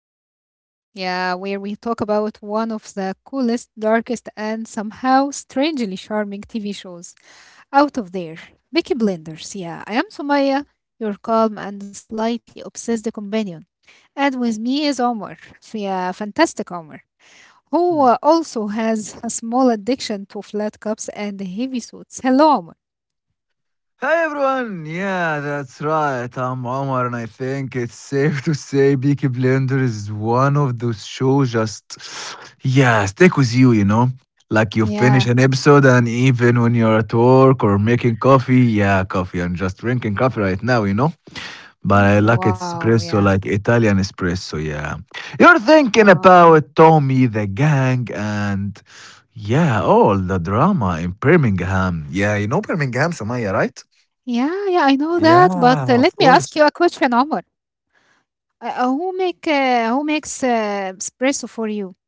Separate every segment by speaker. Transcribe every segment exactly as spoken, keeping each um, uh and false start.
Speaker 1: of the world. Yeah, where we talk about one of the coolest, darkest, and somehow strangely charming T V shows out of there. Peaky Blenders. Yeah, I am Sumaya, your calm and slightly obsessed companion. And with me is Omar. Yeah, fantastic Omar, who
Speaker 2: Mm.
Speaker 1: uh, also has a small addiction to flat cups and heavy suits. Hello, Omar.
Speaker 2: Hi everyone! Yeah, that's right. I'm Omar, and I think it's safe to say Peaky Blender is one of those shows just, yeah, stick with you, you know? Like you finish
Speaker 1: Yeah.
Speaker 2: an episode, and even when you're at work or making coffee, yeah, coffee, I'm just drinking coffee right now, you know? But I
Speaker 1: Yeah,
Speaker 2: like
Speaker 1: wow.
Speaker 2: espresso,
Speaker 1: Yeah.
Speaker 2: like Italian espresso, yeah. You're thinking
Speaker 1: Wow.
Speaker 2: about Tommy, the gang, and yeah, all the drama in Birmingham. Yeah, you know Birmingham, Samaya, right?
Speaker 1: Yeah, yeah, I know that. But
Speaker 2: Yeah,
Speaker 1: uh, let
Speaker 2: of
Speaker 1: me ask
Speaker 2: course.
Speaker 1: you a question, Omar. Uh, uh, who make uh, who makes uh, espresso for you?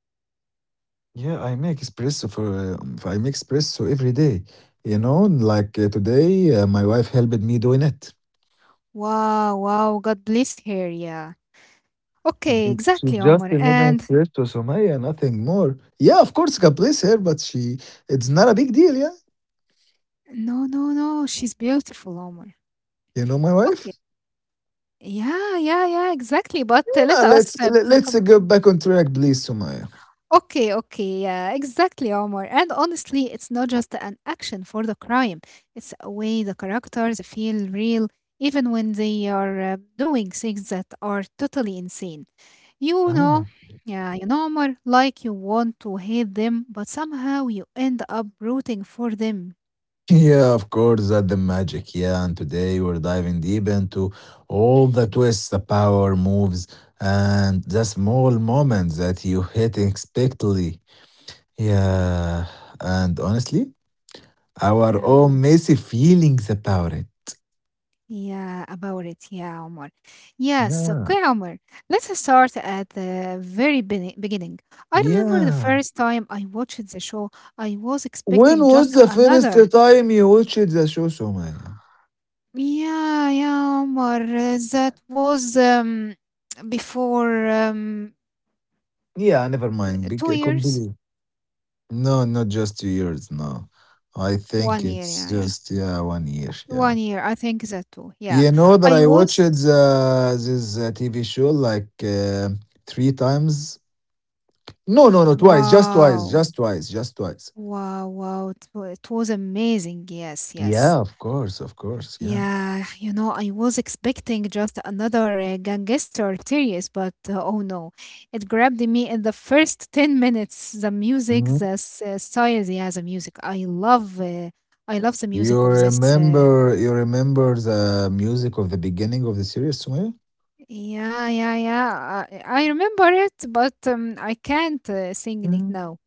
Speaker 2: Yeah, I make espresso for um, I make espresso every day. You know, like uh, today, uh, my wife helped me doing it.
Speaker 1: Wow, wow. God bless her. Yeah. Okay,
Speaker 2: Mm. She
Speaker 1: exactly,
Speaker 2: just
Speaker 1: Omar.
Speaker 2: made an
Speaker 1: And
Speaker 2: espresso, Somaya, nothing more. Yeah, of course, God bless her, but she it's not a big deal. Yeah,
Speaker 1: no, no, no. She's beautiful, Omar.
Speaker 2: you know my wife.
Speaker 1: Okay. Yeah, yeah, yeah. Exactly. But uh, let
Speaker 2: Yeah,
Speaker 1: us
Speaker 2: let's
Speaker 1: um,
Speaker 2: let,
Speaker 1: talk
Speaker 2: let's uh,
Speaker 1: about.
Speaker 2: go back on track, please, Somaya.
Speaker 1: Okay, okay, yeah, exactly, Omar. And honestly, it's not just an action for the crime, it's a way the characters feel real, even when they are uh, doing things that are totally insane. You know,
Speaker 2: Ah.
Speaker 1: yeah, you know, Omar, like you want to hate them, but somehow you end up rooting for them.
Speaker 2: Yeah, of course, that's the magic. Yeah, and today we're diving deep into all the twists, the power moves, and the small moments that you hit unexpectedly. Yeah, and honestly, our
Speaker 1: Yeah.
Speaker 2: own messy feelings about it.
Speaker 1: Yeah, about it. Yeah, Omar. Yes,
Speaker 2: Yeah,
Speaker 1: okay, Omar. Let's start at the very bene- beginning. I remember the
Speaker 2: yeah.
Speaker 1: first time I watched the show, I was
Speaker 2: When
Speaker 1: expecting
Speaker 2: was
Speaker 1: just
Speaker 2: the first
Speaker 1: another.
Speaker 2: time you watched the show, Somaya?
Speaker 1: Yeah, yeah, Omar. uh, That was um, before um,
Speaker 2: Yeah, never mind.
Speaker 1: two
Speaker 2: Big
Speaker 1: years.
Speaker 2: complete. No, not just two years. No, I
Speaker 1: One
Speaker 2: think
Speaker 1: year,
Speaker 2: it's
Speaker 1: yeah, yeah.
Speaker 2: just yeah, one year. Yeah.
Speaker 1: One year, I think that too. Yeah.
Speaker 2: You know that
Speaker 1: I
Speaker 2: I watched
Speaker 1: was,
Speaker 2: the, this uh, T V show like uh, three times. No, no, no, twice, just twice,
Speaker 1: wow,
Speaker 2: just twice, just twice.
Speaker 1: wow, wow. It, wa- it was amazing. Yes, yes.
Speaker 2: Yeah, of course, of course, yeah.
Speaker 1: Yeah, you know, I was expecting just another uh, gangster series, but uh, oh no, it grabbed me in the first ten minutes. The music,
Speaker 2: Mhm.
Speaker 1: the s- uh, style, yeah, the music. I love, uh, I love the music
Speaker 2: You
Speaker 1: of this. Uh,
Speaker 2: remember, you remember the music of the beginning of the series, Sumaya?
Speaker 1: yeah, yeah, yeah. I, I remember it, but um, I can't uh, sing it
Speaker 2: Mm.
Speaker 1: now.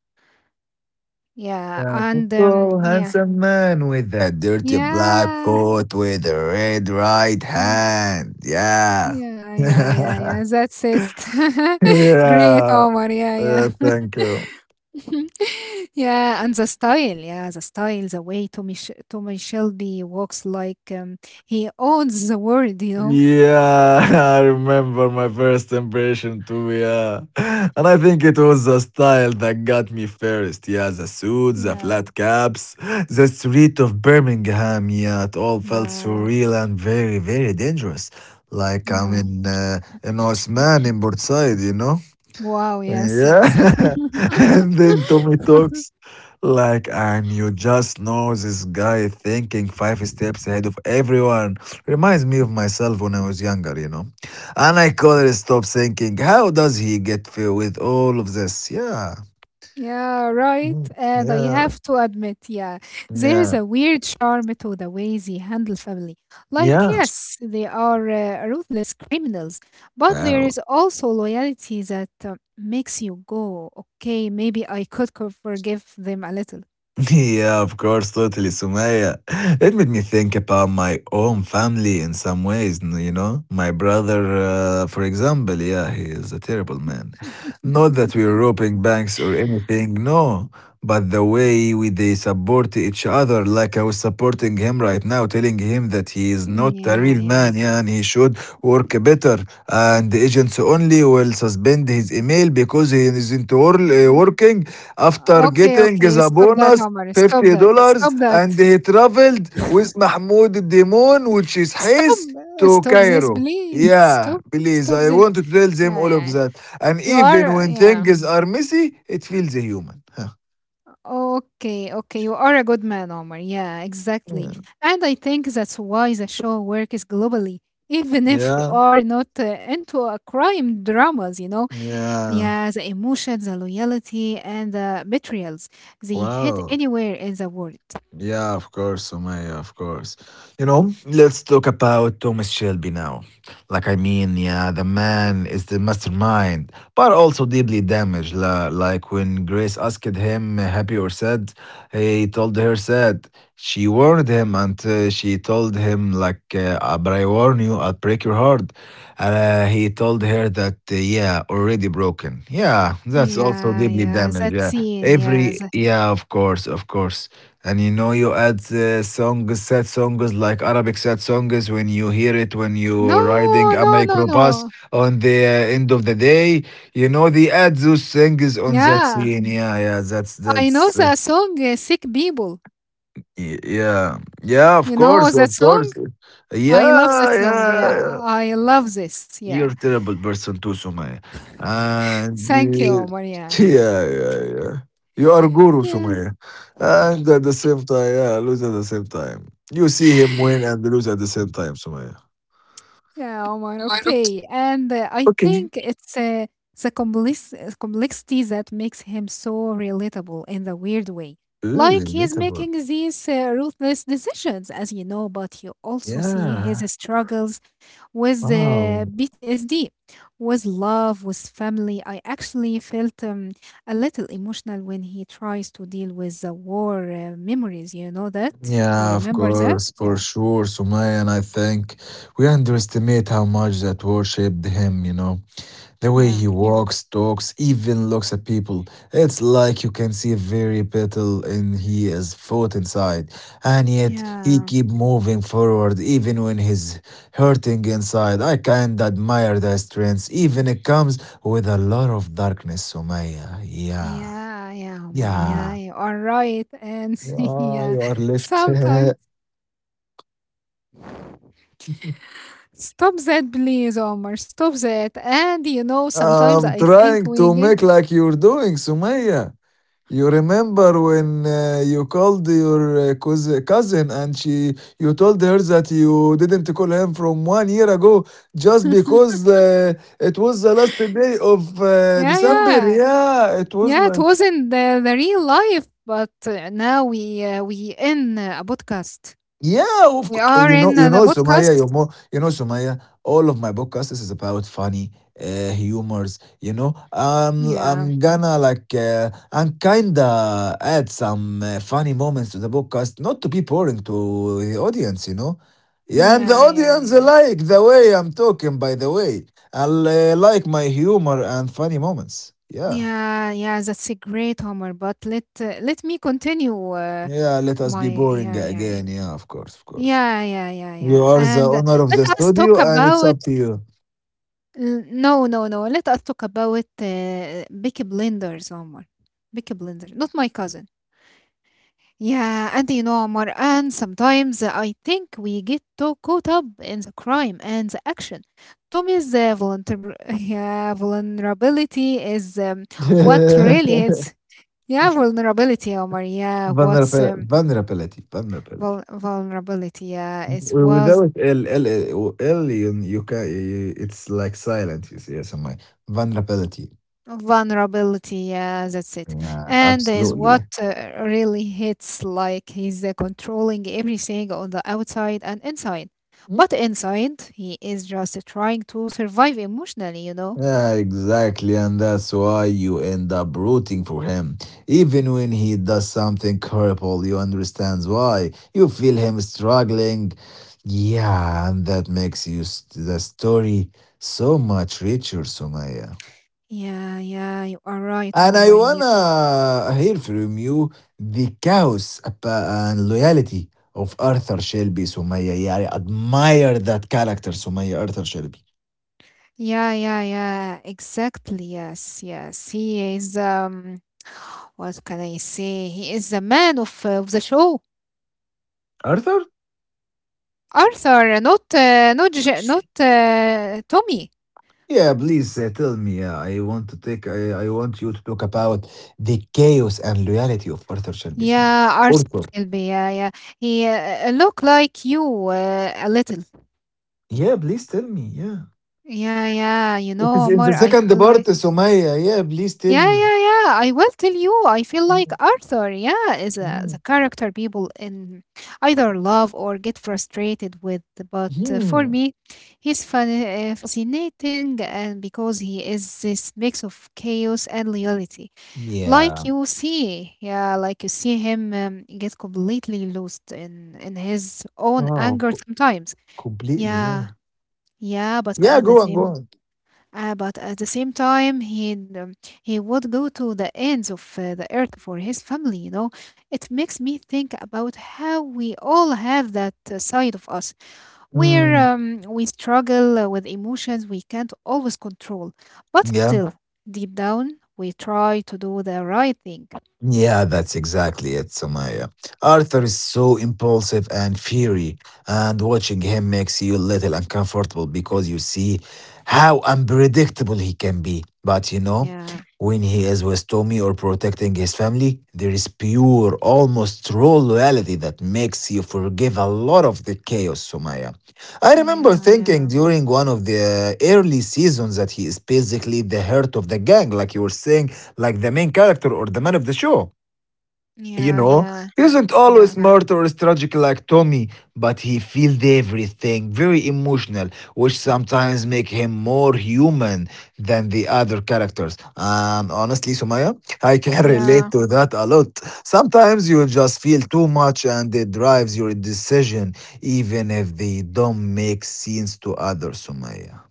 Speaker 1: Yeah,
Speaker 2: Yeah, the
Speaker 1: and um,
Speaker 2: tall,
Speaker 1: yeah,
Speaker 2: handsome man with a dirty black
Speaker 1: yeah.
Speaker 2: coat with a red right
Speaker 1: Hmm.
Speaker 2: hand. Yeah.
Speaker 1: Yeah, yeah, yeah,
Speaker 2: Yeah.
Speaker 1: yeah. That's it. Great,
Speaker 2: Yeah.
Speaker 1: Omar. Yeah, yeah.
Speaker 2: Thank you.
Speaker 1: Yeah, and the style, yeah, the style, the way Tommy Sh- Tommy Shelby walks like um, he owns the world, you know.
Speaker 2: Yeah, I remember my first impression too, yeah. And I think it was the style that got me first, yeah. The suits, the
Speaker 1: Yeah,
Speaker 2: flat caps, the street of Birmingham, yeah. It all felt
Speaker 1: yeah,
Speaker 2: surreal and very, very dangerous. Like I'm
Speaker 1: yeah.
Speaker 2: in, uh, in Osman in Portside, you know?
Speaker 1: Wow. Yes, yes.
Speaker 2: Yeah. And then Tommy talks like, and you just know this guy thinking five steps ahead of everyone. Reminds me of myself when I was younger, you know. And I couldn't stop thinking, how does he get through with all of this? Yeah.
Speaker 1: Yeah, right.
Speaker 2: Mm.
Speaker 1: And I
Speaker 2: Yeah.
Speaker 1: have to admit, yeah, there is
Speaker 2: Yeah.
Speaker 1: a weird charm to the way they handle family. Like,
Speaker 2: Yeah.
Speaker 1: yes, they are uh, ruthless criminals, but there
Speaker 2: Wow.
Speaker 1: is also loyalty that uh, makes you go, okay, maybe I could co- forgive them a little.
Speaker 2: Yeah, of course, totally, Sumaya. It made me think about my own family in some ways, n- you know? My brother, uh, for example, yeah, he is a terrible man. Not that we're robbing banks or anything, no, but the way we they support each other, like I was supporting him right now, telling him that he is
Speaker 1: Mm,
Speaker 2: not a
Speaker 1: yeah,
Speaker 2: real
Speaker 1: yeah.
Speaker 2: man, yeah, and he should work better. And the agents only will suspend his email because he isn't wor- uh,
Speaker 1: Mm.
Speaker 2: working after
Speaker 1: Okay,
Speaker 2: getting
Speaker 1: okay.
Speaker 2: the
Speaker 1: Stop that,
Speaker 2: bonus
Speaker 1: Omar. Stop
Speaker 2: $50
Speaker 1: that.
Speaker 2: dollars
Speaker 1: Stop that.
Speaker 2: and he traveled with Mahmoud Demon, which is
Speaker 1: Stop.
Speaker 2: Hais,
Speaker 1: uh,
Speaker 2: to
Speaker 1: Stop this,
Speaker 2: Cairo.
Speaker 1: please.
Speaker 2: Yeah,
Speaker 1: Stop.
Speaker 2: please,
Speaker 1: Stop
Speaker 2: I
Speaker 1: this.
Speaker 2: want to tell them
Speaker 1: Yeah,
Speaker 2: all
Speaker 1: yeah, yeah.
Speaker 2: of that. And
Speaker 1: You
Speaker 2: even
Speaker 1: are, uh,
Speaker 2: when
Speaker 1: yeah.
Speaker 2: things are messy, it feels human.
Speaker 1: Okay, okay, you are a good man, Omar. Yeah, exactly.
Speaker 2: Huh.
Speaker 1: And I think that's why the show works globally, even
Speaker 2: Yeah,
Speaker 1: if you
Speaker 2: yeah.
Speaker 1: are not uh, into uh, crime dramas, you know?
Speaker 2: Yeah.
Speaker 1: Yeah, the emotions, the loyalty, and the betrayals, they hit
Speaker 2: Wow.
Speaker 1: anywhere in the world.
Speaker 2: Yeah, of course, Sumaya, of course. You know, let's talk about Thomas Shelby now. Like, I mean, yeah, the man is the mastermind, but also deeply damaged. La- Like, when Grace asked him happy or sad, he told her sad. She warned him, and uh, she told him, like, uh, "Uh, but I warn you, I'll break your heart." Uh, he told her that, uh, yeah, already broken. Yeah, that's also
Speaker 1: Yeah,
Speaker 2: deeply
Speaker 1: yeah,
Speaker 2: damaged.
Speaker 1: that
Speaker 2: Yeah,
Speaker 1: scene, yeah,
Speaker 2: every,
Speaker 1: the-
Speaker 2: yeah, of course, of course. And you know, you add uh, songs, sad songs like Arabic sad songs when you hear it when you're riding
Speaker 1: no,
Speaker 2: a
Speaker 1: no, no,
Speaker 2: microbus
Speaker 1: no.
Speaker 2: on the uh, end of the day. You know, they add those things on that
Speaker 1: Yeah.
Speaker 2: scene. Yeah, yeah, that's
Speaker 1: I know
Speaker 2: that's uh,
Speaker 1: the song uh, Sick People.
Speaker 2: y- yeah, yeah. Of
Speaker 1: You know
Speaker 2: course,
Speaker 1: that
Speaker 2: of
Speaker 1: song?
Speaker 2: course.
Speaker 1: I love
Speaker 2: Yeah,
Speaker 1: that song.
Speaker 2: yeah.
Speaker 1: Yeah,
Speaker 2: Yeah.
Speaker 1: I love this. Yeah.
Speaker 2: You're a terrible person too, Sumaya. And
Speaker 1: Thank you,
Speaker 2: uh,
Speaker 1: Omar. Yeah.
Speaker 2: yeah, yeah, yeah. You are guru,
Speaker 1: Yeah.
Speaker 2: Sumaya. And at the same time, yeah, lose at the same time. You see him win and lose at the same time, Sumaya.
Speaker 1: Yeah, Omar. Okay. And uh, I think it's uh, the complex- uh, complexity that makes him so relatable in the weird way.
Speaker 2: Ooh,
Speaker 1: Like he's
Speaker 2: relatable.
Speaker 1: making these uh, ruthless decisions, as you know, but you also see his
Speaker 2: Yeah.
Speaker 1: struggles with uh,
Speaker 2: Wow.
Speaker 1: B T S D? With love, with family. I actually felt um, a little emotional when he tries to deal with the war uh, memories. You know that? You
Speaker 2: Yeah, of
Speaker 1: remember that?
Speaker 2: course, for
Speaker 1: Yeah.
Speaker 2: sure, Sumaya. And I think we underestimate how much that worshiped him, you know. The way
Speaker 1: Yeah.
Speaker 2: he walks, talks, even looks at people, it's like you can see very little in his foot inside. And yet he
Speaker 1: Yeah.
Speaker 2: keep moving forward even when he's hurting inside. I can't admire that strength, even it comes with a lot of darkness, Somaya. Yeah. Mm.
Speaker 1: Yeah, yeah, Omar. Yeah,
Speaker 2: Yeah.
Speaker 1: you are right. And
Speaker 2: Yeah,
Speaker 1: yeah,
Speaker 2: you are left.
Speaker 1: sometimes stop that, please, Omar. Stop that. And you know, sometimes
Speaker 2: I'm
Speaker 1: I think
Speaker 2: trying
Speaker 1: we
Speaker 2: to
Speaker 1: get,
Speaker 2: make like you're doing, Sumaya. You remember when uh, you called your uh, cous- cousin and she you told her that you didn't call him from one year ago just because uh, it was the last day of uh,
Speaker 1: yeah,
Speaker 2: December.
Speaker 1: yeah.
Speaker 2: Yeah, it was
Speaker 1: Yeah, it
Speaker 2: like.
Speaker 1: wasn't the, the real life, but uh, now we uh, we in uh, a podcast.
Speaker 2: Yeah, of
Speaker 1: We
Speaker 2: course.
Speaker 1: are
Speaker 2: You know,
Speaker 1: in
Speaker 2: you
Speaker 1: uh, the
Speaker 2: know, Somalia.
Speaker 1: podcast.
Speaker 2: You're more, you know, Somalia. All of my podcasts is about funny, uh, humors. You know, um,
Speaker 1: Yeah,
Speaker 2: I'm gonna like, uh, I'm kinda add some uh, funny moments to the podcast, not to be boring to the audience. You know, yeah, and the
Speaker 1: yeah, yeah,
Speaker 2: audience
Speaker 1: yeah,
Speaker 2: like the way I'm talking. By the way, I uh, like my humor and funny moments. Yeah,
Speaker 1: yeah, yeah. That's a great Homer. But let uh, let me continue. Uh,
Speaker 2: yeah. Let us
Speaker 1: my
Speaker 2: be boring
Speaker 1: yeah, yeah, yeah.
Speaker 2: again. Yeah, of course, of course.
Speaker 1: Yeah, yeah, yeah,
Speaker 2: You
Speaker 1: yeah.
Speaker 2: are the
Speaker 1: And uh,
Speaker 2: owner of
Speaker 1: let
Speaker 2: the
Speaker 1: us talk
Speaker 2: studio, and it's
Speaker 1: about
Speaker 2: up to you.
Speaker 1: l- no, no, no. Let us talk about uh, Bicky Blenders, Omar. Bicky Blenders, not my cousin. Yeah, and you know, Marwan, sometimes I think we get too caught up in the crime and the action. Tommy's uh, voluntar- yeah, vulnerability is um, what really hits. Yeah, vulnerability, Omar. Yeah, what's
Speaker 2: Vulnerability,
Speaker 1: um,
Speaker 2: vulnerability, vulnerability.
Speaker 1: vul- vulnerability? Yeah, it
Speaker 2: W-
Speaker 1: was
Speaker 2: Without L, L, L, L you, you can, you, it's like silent, you see, yes, my vulnerability.
Speaker 1: vulnerability, yeah, that's it.
Speaker 2: Yeah,
Speaker 1: And is what
Speaker 2: absolutely.
Speaker 1: uh, really hits like he's uh, controlling everything on the outside and inside.
Speaker 2: Mm.
Speaker 1: But inside, he is just trying to survive emotionally, you know?
Speaker 2: Yeah, exactly, and that's why you end up rooting for him. Even when he does something horrible, you understand why. You feel him struggling. Yeah, and that makes you st- the story so much richer, Sumaya.
Speaker 1: Yeah, yeah, you are right,
Speaker 2: And I
Speaker 1: Homer. Yeah,
Speaker 2: wanna hear from you the chaos apa- and loyalty of Arthur Shelby, Sumaya. Yeah, I admire that character, Sumaya, Arthur Shelby.
Speaker 1: yeah, yeah, yeah, exactly. Yes, yes. He is, um, what can I say? He is the man of, uh, of the show.
Speaker 2: Arthur?
Speaker 1: Arthur, not, uh, not, Ja- not, uh, Tommy.
Speaker 2: Yeah, please uh, tell me. Uh, I want to take. I, I want you to talk about the chaos and loyalty of Arthur Shelby, Sumaya.
Speaker 1: Yeah,
Speaker 2: Arthur.
Speaker 1: Arsenal Kelby. Yeah, yeah. He uh, look like you uh, a little.
Speaker 2: Yeah, please tell me. Yeah.
Speaker 1: Yeah, yeah. You
Speaker 2: It
Speaker 1: know,
Speaker 2: is in the
Speaker 1: Omar, I
Speaker 2: second
Speaker 1: feel
Speaker 2: part,
Speaker 1: like.
Speaker 2: Sumaya. Yeah, please tell
Speaker 1: Yeah,
Speaker 2: me.
Speaker 1: yeah, yeah. I will tell you. I feel like
Speaker 2: Mm,
Speaker 1: Arthur. Yeah, is a,
Speaker 2: mm,
Speaker 1: the character people in either love or get frustrated with. But uh, for
Speaker 2: mm.
Speaker 1: me, he's fun, uh, fascinating, and because he is this mix of chaos and loyalty. Like
Speaker 2: Yeah.
Speaker 1: you see, yeah, like you see him um, get completely lost in in his own
Speaker 2: Wow.
Speaker 1: anger
Speaker 2: Co-
Speaker 1: sometimes.
Speaker 2: completely. Yeah.
Speaker 1: Yeah, yeah, but
Speaker 2: Yeah,
Speaker 1: at the
Speaker 2: go on, go
Speaker 1: same,
Speaker 2: on.
Speaker 1: uh, but at the same time, he um, he would go to the ends of uh, the earth for his family. You know, it makes me think about how we all have that uh, side of us where
Speaker 2: Mm,
Speaker 1: um, we struggle uh, with emotions we can't always control, but
Speaker 2: yeah.
Speaker 1: still, deep down, we try to do the right thing.
Speaker 2: Yeah, that's exactly it, Sumaya. Arthur is so impulsive and fiery, and watching him makes you a little uncomfortable because you see how unpredictable he can be. But you know,
Speaker 1: Yeah.
Speaker 2: when he is with Tommy or protecting his family, there is pure, almost raw loyalty that makes you forgive a lot of the chaos, Sumaya. I
Speaker 1: Yeah,
Speaker 2: remember
Speaker 1: yeah,
Speaker 2: thinking during one of the early seasons that he is basically the heart of the gang, like you were saying like the main character or the man of the show. You
Speaker 1: yeah,
Speaker 2: know,
Speaker 1: yeah,
Speaker 2: he isn't
Speaker 1: yeah,
Speaker 2: always smart or strategic like Tommy, but he feels everything, very emotional, which sometimes make him more human than the other characters. And honestly, Sumaya, I can
Speaker 1: yeah,
Speaker 2: relate to that a lot. Sometimes you just feel too much and it drives your decision, even if they don't make sense to others, Sumaya.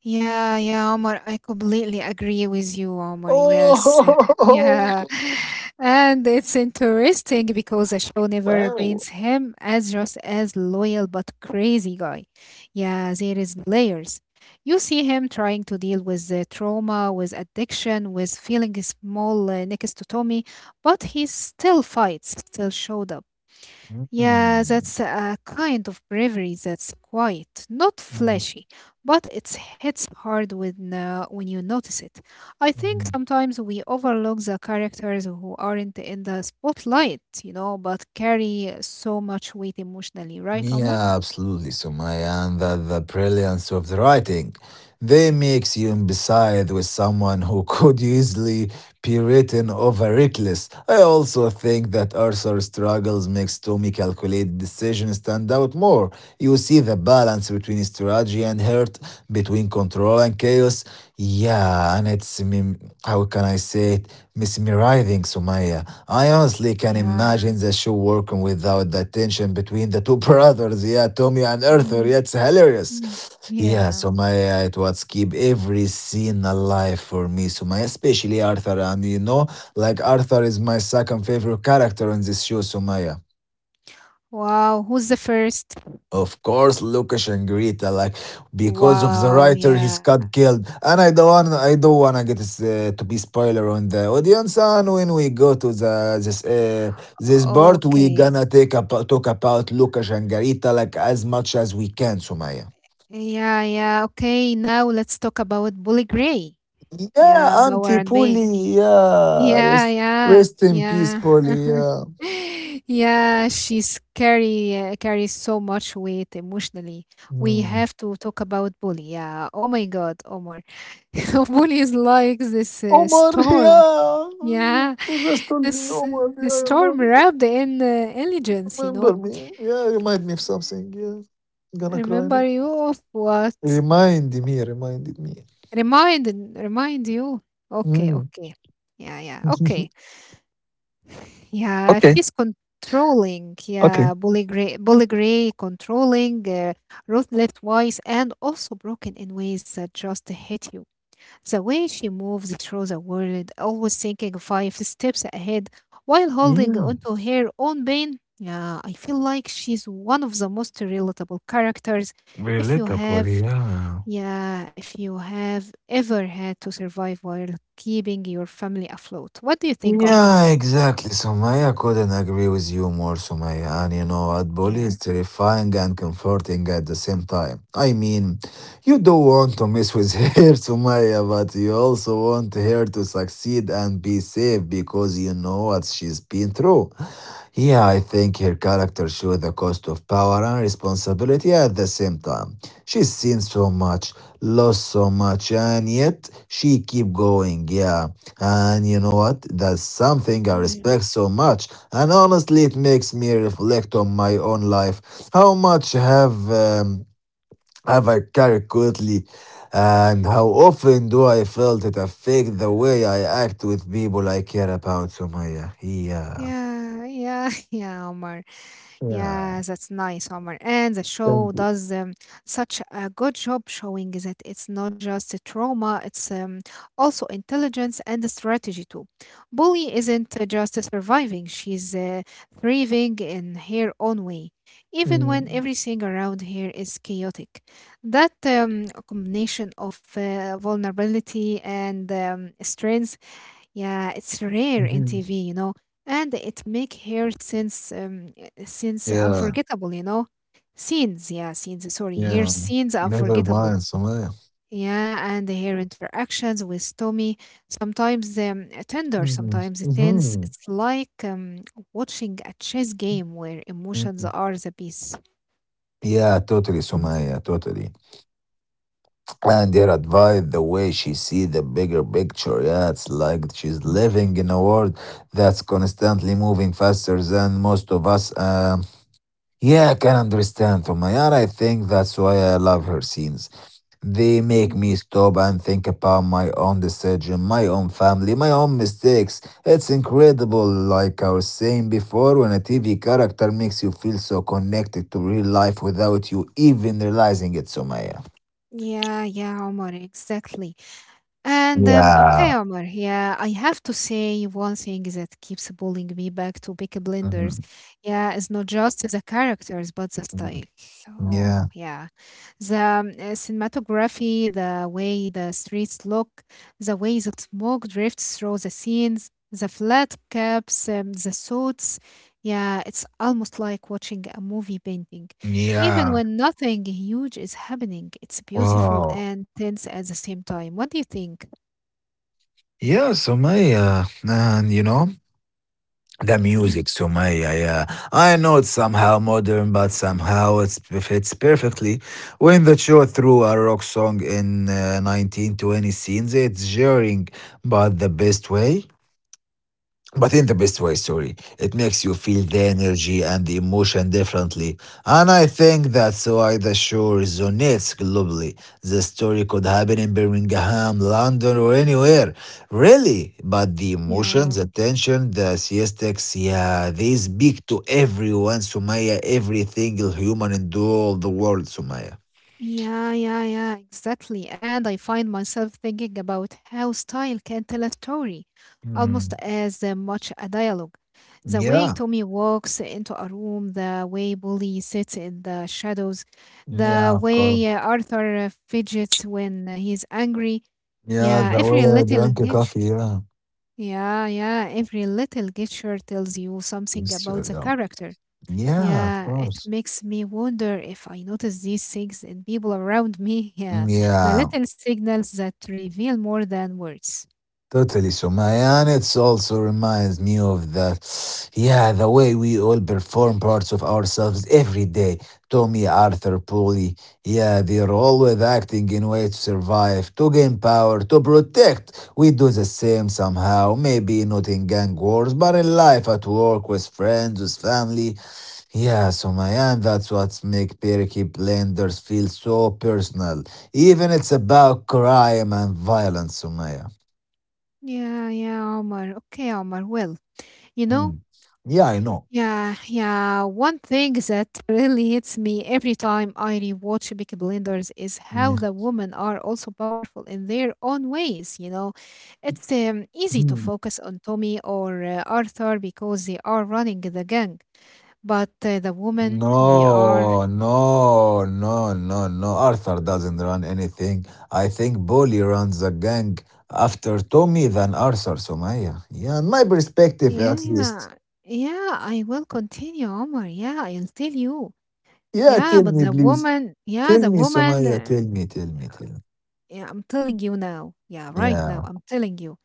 Speaker 1: yeah, yeah, Omar. I completely agree with you, Omar. Yes,
Speaker 2: Oh,
Speaker 1: yeah. And it's interesting because the show never
Speaker 2: wow.
Speaker 1: paints him as just as loyal but crazy guy. Yeah, there is layers. You see him trying to deal with the trauma, with addiction, with feeling small uh, next to Tommy, but he still fights, still showed up. Yeah,
Speaker 2: Mm.
Speaker 1: that's a kind of bravery that's quiet, not
Speaker 2: Mm.
Speaker 1: flashy, but it hits hard when uh, when you notice it. I think
Speaker 2: Mm.
Speaker 1: sometimes we overlook the characters who aren't in the spotlight, you know, but carry so much weight emotionally, right, Omar?
Speaker 2: Yeah, absolutely, Sumaya, and the, the brilliance of the writing. They makes you beside with someone who could easily be written over reckless. I also think that Arthur's struggles makes Tommy calculated decisions stand out more. You see the balance between strategy and hurt, between control and chaos. Yeah, and it's, I mean, how can I say it? Miss Mirai thinks Sumaya. I honestly can
Speaker 1: Yeah.
Speaker 2: imagine the show working without the tension between the two brothers, yeah, Tommy and Arthur.
Speaker 1: Mhm.
Speaker 2: Yeah, it's
Speaker 1: Mm.
Speaker 2: hilarious. Yeah,
Speaker 1: Yeah.
Speaker 2: Sumaya, it was keep every scene alive for me, Sumaya, especially Arthur. And you know, like Arthur is my second favorite character in this show, Sumaya.
Speaker 1: Wow, who's the first?
Speaker 2: Of course, Lucas and Greta, like because of the
Speaker 1: Wow,
Speaker 2: writer, he's
Speaker 1: yeah.
Speaker 2: got killed, and I don't want, I don't wanna get this, uh, to be spoiler on the audience. And when we go to the this uh, this part, we
Speaker 1: Okay.
Speaker 2: gonna take about talk about Lucas and Greta like as much as we can, Sumaya.
Speaker 1: Yeah, yeah. Okay, now let's talk about Bully Gray.
Speaker 2: Yeah,
Speaker 1: Yeah, Bauer
Speaker 2: Auntie
Speaker 1: and Bain.
Speaker 2: Polly, yeah,
Speaker 1: Yeah,
Speaker 2: rest,
Speaker 1: yeah,
Speaker 2: rest in peace,
Speaker 1: yeah.
Speaker 2: Polly. Yeah.
Speaker 1: Yeah, she's carry uh, carries so much weight emotionally. We
Speaker 2: Hmm.
Speaker 1: have to talk about bully. Yeah. Oh my God, Omar. Bully is like this uh,
Speaker 2: Omar,
Speaker 1: storm.
Speaker 2: yeah,
Speaker 1: Yeah,
Speaker 2: you just told me
Speaker 1: this uh,
Speaker 2: Omar,
Speaker 1: the
Speaker 2: yeah, Omar.
Speaker 1: storm wrapped in uh, intelligence. You
Speaker 2: Remember
Speaker 1: know.
Speaker 2: me. Yeah, remind me of something. Yeah, gonna cry now.
Speaker 1: Remember you of what?
Speaker 2: Remind me, reminded me.
Speaker 1: Remind Remind you. Okay,
Speaker 2: Mm.
Speaker 1: okay. Yeah, yeah. Okay. Yeah,
Speaker 2: Okay,
Speaker 1: she's controlling.
Speaker 2: okay.
Speaker 1: Yeah, bully gray, bully gray controlling, uh, ruthless wise, and also broken in ways that just hit you. The way she moves through the world, always thinking five steps ahead while holding
Speaker 2: Yeah.
Speaker 1: onto her own pain. Yeah, I feel like she's one of the most relatable characters. If you
Speaker 2: Relatable,
Speaker 1: have,
Speaker 2: yeah.
Speaker 1: yeah, if you have ever had to survive while keeping your family afloat, what do you think, Omar?
Speaker 2: Yeah, exactly, Sumaya. I couldn't agree with you more, Sumaya. And you know, what, Bully
Speaker 1: Yeah.
Speaker 2: is terrifying and comforting at the same time. I mean, you don't want to mess with her, Sumaya, but you also want her to succeed and be safe because you know what she's been through. Yeah, I think her character shows the cost of power and responsibility at the same time. She's seen so much, lost so much, and yet she keep going. Yeah, and you know what? That's something I respect so much. And honestly, it makes me reflect on my own life. How much have um, have I carried quickly, and how often do I felt it affect the way I act with people I care about? So my Yeah, yeah,
Speaker 1: Yeah, yeah, yeah, Omar. Yeah,
Speaker 2: yeah.
Speaker 1: that's nice, Omar. And the show
Speaker 2: Thank you.
Speaker 1: does um, such a good job showing that it's not just a trauma, it's um, also intelligence and a strategy too. Bully isn't uh, just surviving, she's uh, thriving in her own way, even when
Speaker 2: Mm,
Speaker 1: everything around her is chaotic. That um, combination of uh, vulnerability and um, strength, yeah, it's rare in
Speaker 2: mhm.
Speaker 1: T V, you know, and it make her since um, since
Speaker 2: Yeah,
Speaker 1: unforgettable, you know. Scenes, yeah, scenes. Sorry, her
Speaker 2: yeah.
Speaker 1: scenes
Speaker 2: Never
Speaker 1: unforgettable.
Speaker 2: mind, Sumaya.
Speaker 1: Yeah, and her interactions with Tommy sometimes um, tender,
Speaker 2: Mm,
Speaker 1: sometimes tense.
Speaker 2: mhm.
Speaker 1: It's like um, watching a chess game where emotions
Speaker 2: Mm.
Speaker 1: are the piece.
Speaker 2: Yeah, totally, Sumaya, totally. And her advice, the way she see the bigger picture, yeah, it's like she's living in a world that's constantly moving faster than most of us, um yeah, I can understand from I think that's why I love her scenes. They make
Speaker 1: Mm.
Speaker 2: me stop and think about my own decision, my own family, my own mistakes. It's incredible, like I was saying before, when a TV character makes you feel so connected to real life without you even realizing it, Somaya.
Speaker 1: Yeah, yeah, Omar, exactly. And um,
Speaker 2: Yeah.
Speaker 1: okay, Omar, yeah, I have to say one thing that keeps pulling me back to Peaky Blinders. Yeah, it's not just the characters, but the style. Oh,
Speaker 2: Yeah.
Speaker 1: yeah. The um, uh, cinematography, the way the streets look, the way the smoke drifts through the scenes, the flat caps, um, the suits. Yeah, it's almost like watching a movie painting. Even
Speaker 2: Yeah.
Speaker 1: when nothing huge is happening, it's beautiful
Speaker 2: Wow.
Speaker 1: and tense at the same time. What do you think?
Speaker 2: Yeah, Sumaya. And you know, the
Speaker 1: Yeah,
Speaker 2: music, Sumaya, yeah. I know it's somehow modern, but somehow it's it fits perfectly. When the show threw a rock song in uh, nineteen twenty scenes, it's jarring, but the best way. But in the best way, sorry. It makes you feel the energy and the emotion differently. And I think that's why the show resonates globally. The story could happen in Birmingham, London, or anywhere. Really. But the emotions,
Speaker 1: yeah,
Speaker 2: the tension, the siestics, yeah, they speak to everyone, Sumaya, every single human in the whole the world, Sumaya.
Speaker 1: yeah, yeah, yeah, exactly. And I find myself thinking about how style can tell a story, almost
Speaker 2: Mm.
Speaker 1: as uh, much a dialogue. The way
Speaker 2: Yeah.
Speaker 1: Tommy walks into a room, the way Bully sits in the shadows,
Speaker 2: Yeah,
Speaker 1: the
Speaker 2: of course.
Speaker 1: way uh, Arthur uh, fidgets when uh, he's angry.
Speaker 2: Yeah,
Speaker 1: Yeah,
Speaker 2: the
Speaker 1: every
Speaker 2: way I
Speaker 1: little
Speaker 2: drank a coffee,
Speaker 1: gesture.
Speaker 2: yeah.
Speaker 1: Yeah, yeah, every little gesture tells you something
Speaker 2: It's,
Speaker 1: about
Speaker 2: true,
Speaker 1: the
Speaker 2: yeah.
Speaker 1: character.
Speaker 2: Yeah, of
Speaker 1: Yeah, it
Speaker 2: course.
Speaker 1: makes me wonder if I notice these things in people around me.
Speaker 2: Mm.
Speaker 1: Yeah, the
Speaker 2: Yeah,
Speaker 1: little signals that reveal more than words.
Speaker 2: totally, Sumaya. And it also reminds me of the, yeah, the way we all perform parts of ourselves every day. Tommy, Arthur, Polly, yeah, they're always acting in ways to survive, to gain power, to protect. We do the same somehow, maybe not in gang wars, but in life, at work, with friends, with family. Yeah, so my that's what make Peaky Blinders feel so personal. Even it's about crime and violence, Sumaya.
Speaker 1: Yeah, yeah, Omar. Okay, Omar. Well, you know,
Speaker 2: Mm. Yeah, I know.
Speaker 1: yeah, yeah. One thing that really hits me every time I rewatch Peaky Blinders is how the women are also powerful in their own ways. You know, it's um,
Speaker 2: Mm.
Speaker 1: Easy to
Speaker 2: Mm.
Speaker 1: focus on Tommy or uh, Arthur because they are running the gang. But uh, the women, they are...
Speaker 2: No, no, no, no, no. Arthur doesn't run anything. I think Bully runs a gang after Tommy than Arthur, Sumaya. Yeah, in my perspective at least.
Speaker 1: Yeah, yeah, I will continue, Omar. Yeah, I'll tell you.
Speaker 2: Yeah,
Speaker 1: Yeah,
Speaker 2: tell
Speaker 1: but
Speaker 2: me
Speaker 1: the
Speaker 2: please.
Speaker 1: woman, yeah,
Speaker 2: Tell
Speaker 1: the
Speaker 2: me,
Speaker 1: woman,
Speaker 2: Sumaya,
Speaker 1: uh,
Speaker 2: tell me, tell me, tell me.
Speaker 1: yeah, I'm telling you now. Yeah, right
Speaker 2: Yeah,
Speaker 1: now, I'm telling you.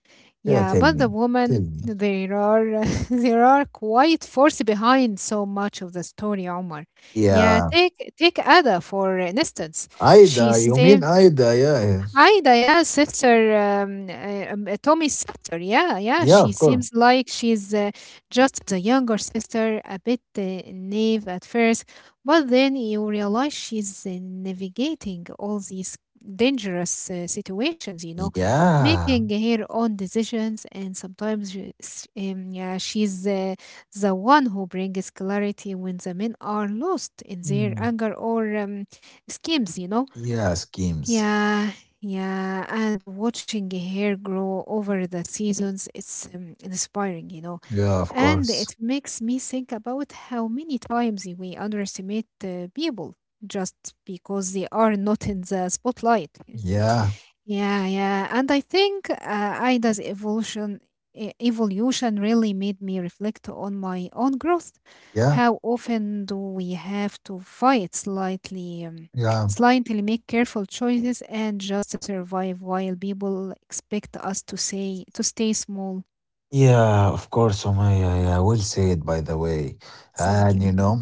Speaker 2: yeah,
Speaker 1: Yeah,
Speaker 2: tell
Speaker 1: but the
Speaker 2: me, tell
Speaker 1: woman,
Speaker 2: me.
Speaker 1: there are there are quite force behind so much of the story, Omar. Yeah,
Speaker 2: Yeah.
Speaker 1: take take Ada for instance. She
Speaker 2: Aida. You mean
Speaker 1: seems...
Speaker 2: Aida? Yeah. Yeah.
Speaker 1: Ida, yeah, sister, um, uh, um, uh, Tommy's sister. Yeah, yeah.
Speaker 2: Yeah,
Speaker 1: She
Speaker 2: of course.
Speaker 1: seems like she's uh, just the younger sister, a bit uh, naive at first, but then you realize she's uh, navigating all these dangerous uh, situations, you know,
Speaker 2: Yeah.
Speaker 1: making her own decisions, and sometimes she- s- um, yeah, she's uh, the one who brings clarity when the men are lost in their
Speaker 2: Mm.
Speaker 1: anger or um, schemes, you know,
Speaker 2: Yeah, schemes.
Speaker 1: yeah, yeah, and watching hair grow over the seasons, it's um, inspiring, you know.
Speaker 2: Yeah, of
Speaker 1: And
Speaker 2: course.
Speaker 1: it makes me think about how many times we underestimate uh, people just because they are not in the spotlight.
Speaker 2: Yeah.
Speaker 1: Yeah, yeah. And I think uh, Ida's evolution e- evolution really made me reflect on my own growth.
Speaker 2: Yeah.
Speaker 1: How often do we have to fight slightly, um,
Speaker 2: Yeah.
Speaker 1: slightly make careful choices and just survive while people expect us to say to stay small.
Speaker 2: Yeah, of course, Omaya. Yeah, I will say it by the way. And
Speaker 1: Thank
Speaker 2: you
Speaker 1: you.
Speaker 2: know,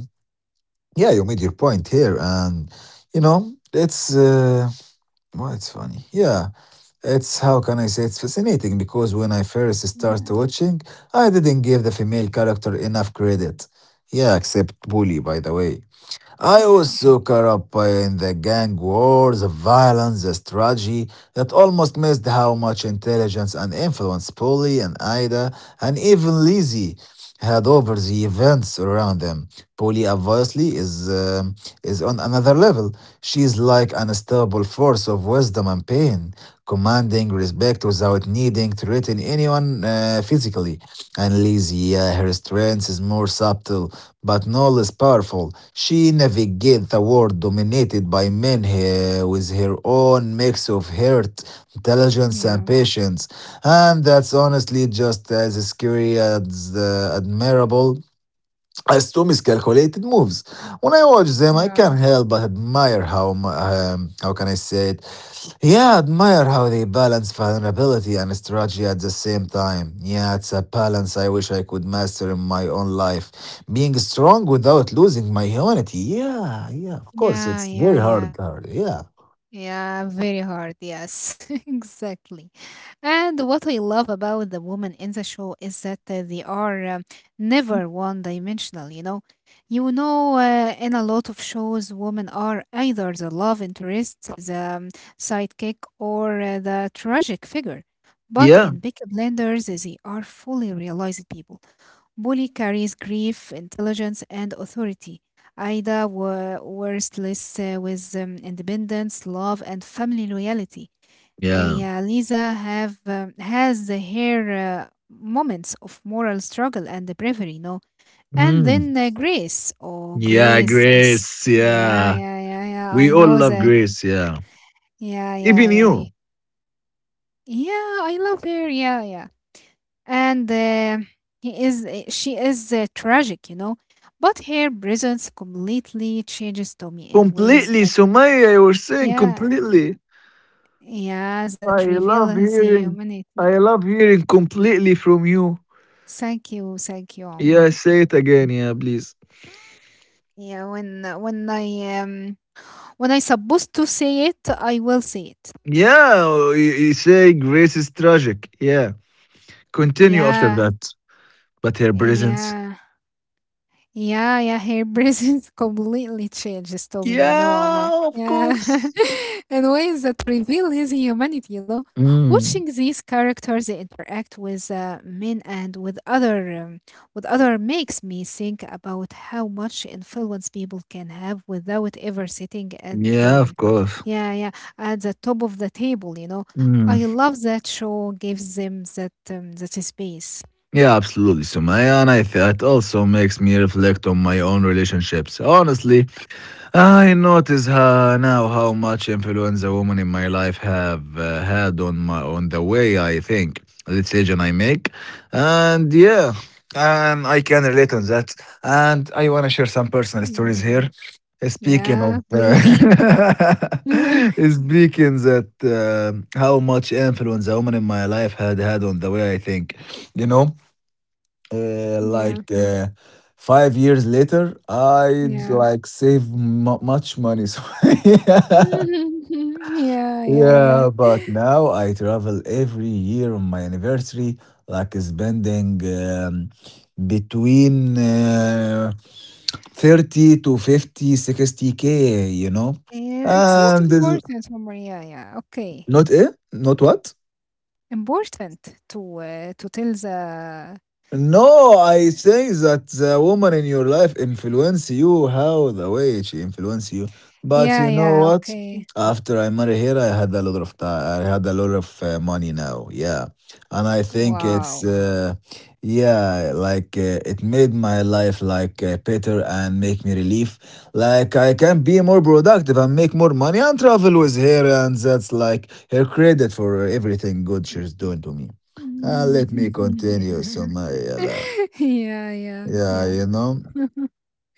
Speaker 2: yeah, you made your point here. And you know, it's uh well, it's funny. Yeah. It's how can I say, it's fascinating because when I first started
Speaker 1: Yeah,
Speaker 2: watching, I didn't give the female character enough credit. Yeah, except Bully, by the way. I was
Speaker 1: yeah,
Speaker 2: so caught up by- in the gang wars, the violence, the strategy that almost missed how much intelligence and influence Polly and Ida and even Lizzie had over the events around them. Polly obviously is um, is on another level. She's like an unstoppable force of wisdom and pain, commanding respect without needing to threaten anyone uh, physically. And Lizzie, uh, her strength is more subtle, but no less powerful. She navigated the world dominated by men eh, with her own mix of heart, intelligence, and
Speaker 1: yeah,
Speaker 2: patience. And that's honestly just as scary as uh, admirable as two miscalculated moves. When I watch them, I can't
Speaker 1: yeah,
Speaker 2: help but admire how, mu- um, how can I say it, yeah, I admire how they balance vulnerability and strategy at the same time. Yeah, it's a balance I wish I could master in my own life. Being strong without losing my humanity. Yeah, yeah, of course. It's
Speaker 1: yeah,
Speaker 2: very
Speaker 1: yeah,
Speaker 2: hard,
Speaker 1: yeah.
Speaker 2: hard. Yeah.
Speaker 1: Yeah, very hard. Yes, exactly. And what I love about the women in the show is that uh, they are um, never one dimensional, you know. You know, uh, in a lot of shows, women are either the love interest, the um, sidekick, or uh, the tragic figure. But
Speaker 2: Yeah.
Speaker 1: in Peaky Blinders, they are fully realized people. Bully carries grief, intelligence, and authority. Ida were worthless uh, with um, independence, love, and family loyalty. Uh,
Speaker 2: Yeah.
Speaker 1: yeah, Lisa have um, has her uh, moments of moral struggle and the bravery. No, and
Speaker 2: Mm.
Speaker 1: then uh, Grace. Oh,
Speaker 2: Yeah,
Speaker 1: Grace is...
Speaker 2: Grace.
Speaker 1: yeah,
Speaker 2: Yeah.
Speaker 1: yeah, yeah, yeah.
Speaker 2: We
Speaker 1: I
Speaker 2: all
Speaker 1: know
Speaker 2: love
Speaker 1: that.
Speaker 2: Grace. Yeah.
Speaker 1: Yeah, yeah,
Speaker 2: Even
Speaker 1: yeah, y-.
Speaker 2: you.
Speaker 1: Yeah, I love her. Yeah, yeah, and uh, he is uh, she is uh, tragic, you know, but her presence completely changes Tommy in ways
Speaker 2: Completely.
Speaker 1: that...
Speaker 2: Sumaya, you were saying
Speaker 1: yeah,
Speaker 2: completely.
Speaker 1: yeah,
Speaker 2: I
Speaker 1: that reveal
Speaker 2: love
Speaker 1: his
Speaker 2: hearing. I
Speaker 1: humanity.
Speaker 2: love hearing completely from you.
Speaker 1: Thank you, thank you, Omar.
Speaker 2: Yeah, say it again. Yeah, please.
Speaker 1: Yeah, when uh, when i um when I supposed to say it, I will say it.
Speaker 2: Yeah, you, you say Grace is tragic. Yeah. Continue after
Speaker 1: Yeah,
Speaker 2: that. But her presence.
Speaker 1: yeah. Yeah, yeah, hair braids is completely changes to me, you know, Omar.
Speaker 2: Yeah, of
Speaker 1: Yeah,
Speaker 2: course.
Speaker 1: in ways that reveal his humanity, you know.
Speaker 2: Mm.
Speaker 1: Watching these characters interact with uh, men and with other um, with other makes me think about how much influence people can have without ever sitting at
Speaker 2: Yeah, of
Speaker 1: um,
Speaker 2: course.
Speaker 1: yeah, yeah, at the top of the table, you know. I
Speaker 2: Mm.
Speaker 1: love that show gives them that um, that space.
Speaker 2: Yeah, absolutely, Sumaya. And I, th- it also makes me reflect on my own relationships. Honestly, I notice uh, now how much influence the women in my life have uh, had on my on the way I think, the decision I make, and yeah, and I can relate on that. And I want to share some personal
Speaker 1: Mm,
Speaker 2: stories here.
Speaker 1: yeah,
Speaker 2: Uh, Speaking of,
Speaker 1: yeah,
Speaker 2: uh,
Speaker 1: please.
Speaker 2: speaking that uh, how much influence a woman in my life had had on the way I think, you know, uh,
Speaker 1: Yeah,
Speaker 2: like uh, five years later, I'd
Speaker 1: yeah.
Speaker 2: like save m- much money. So yeah.
Speaker 1: Mhm. Yeah, yeah,
Speaker 2: Yeah,
Speaker 1: yeah.
Speaker 2: but now I travel every year on my anniversary, like spending um, between uh, thirty to fifty sixty k, you know.
Speaker 1: Yeah, it's not
Speaker 2: And this-
Speaker 1: important for... Yeah, yeah. Okay.
Speaker 2: Not eh? Not what?
Speaker 1: Important to uh, to tell the...
Speaker 2: No, I think that the woman in your life influence you how the way she influence you. But
Speaker 1: Yeah,
Speaker 2: you know
Speaker 1: yeah,
Speaker 2: what?
Speaker 1: okay.
Speaker 2: After I married her, I had a lot of time. I had a lot of uh, money now. Yeah, and I think it's
Speaker 1: Wow.
Speaker 2: uh, yeah, like uh, it made my life like uh, better and make me relief. Like I can be more productive and make more money and travel with her, and that's like her credit for everything good she's doing to me.
Speaker 1: Mhm.
Speaker 2: Uh, let me continue,
Speaker 1: Yeah.
Speaker 2: Sumayala.
Speaker 1: Yeah, yeah,
Speaker 2: Yeah,
Speaker 1: yeah.
Speaker 2: you know,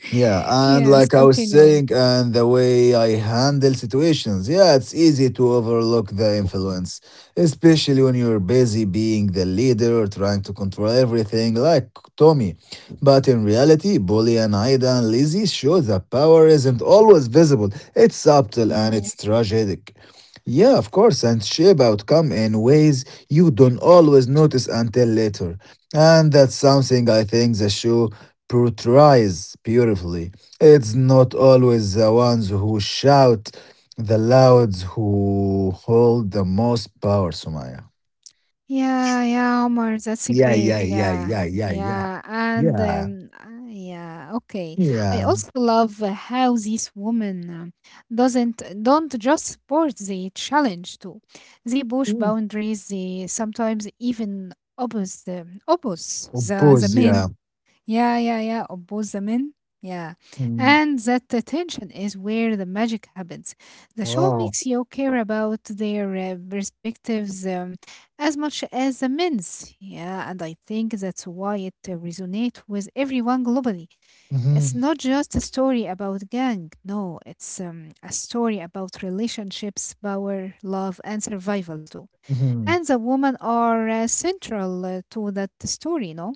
Speaker 2: yeah, and
Speaker 1: Yes,
Speaker 2: like I was
Speaker 1: continue.
Speaker 2: saying, and the way I handle situations, yeah, it's easy to overlook the influence, especially when you're busy being the leader or trying to control everything, like Tommy. But in reality, Bully and Aida and Lizzie show that power isn't always visible, it's subtle and
Speaker 1: Yeah.
Speaker 2: it's tragic. Yeah, of course, and shape outcome in ways you don't always notice until later. And that's something I think the show portrays beautifully. It's not always the ones who shout the loudest who hold the most power, Sumaya.
Speaker 1: Yeah, yeah, Omar, that's a
Speaker 2: Yeah,
Speaker 1: great.
Speaker 2: yeah, yeah,
Speaker 1: Yeah,
Speaker 2: yeah, yeah, yeah.
Speaker 1: yeah, and
Speaker 2: Yeah,
Speaker 1: um, uh, yeah, okay. I
Speaker 2: yeah.
Speaker 1: also love uh, how these women um, doesn't don't just support the challenge too. They push
Speaker 2: Mm.
Speaker 1: boundaries. They sometimes even oppose the oppose the the
Speaker 2: Oppose, yeah.
Speaker 1: men, yeah, yeah, yeah, of both the men. Yeah.
Speaker 2: Mm.
Speaker 1: And that the tension is where the magic happens. The show
Speaker 2: Wow.
Speaker 1: makes you care about their uh, perspectives um, as much as the men's. Yeah, and I think that's why it uh, resonates with everyone globally.
Speaker 2: Hmm.
Speaker 1: It's not just a story about gang. No, it's um, a story about relationships, power, love, and survival too.
Speaker 2: Hmm.
Speaker 1: And the women are uh, central uh, to that story, no?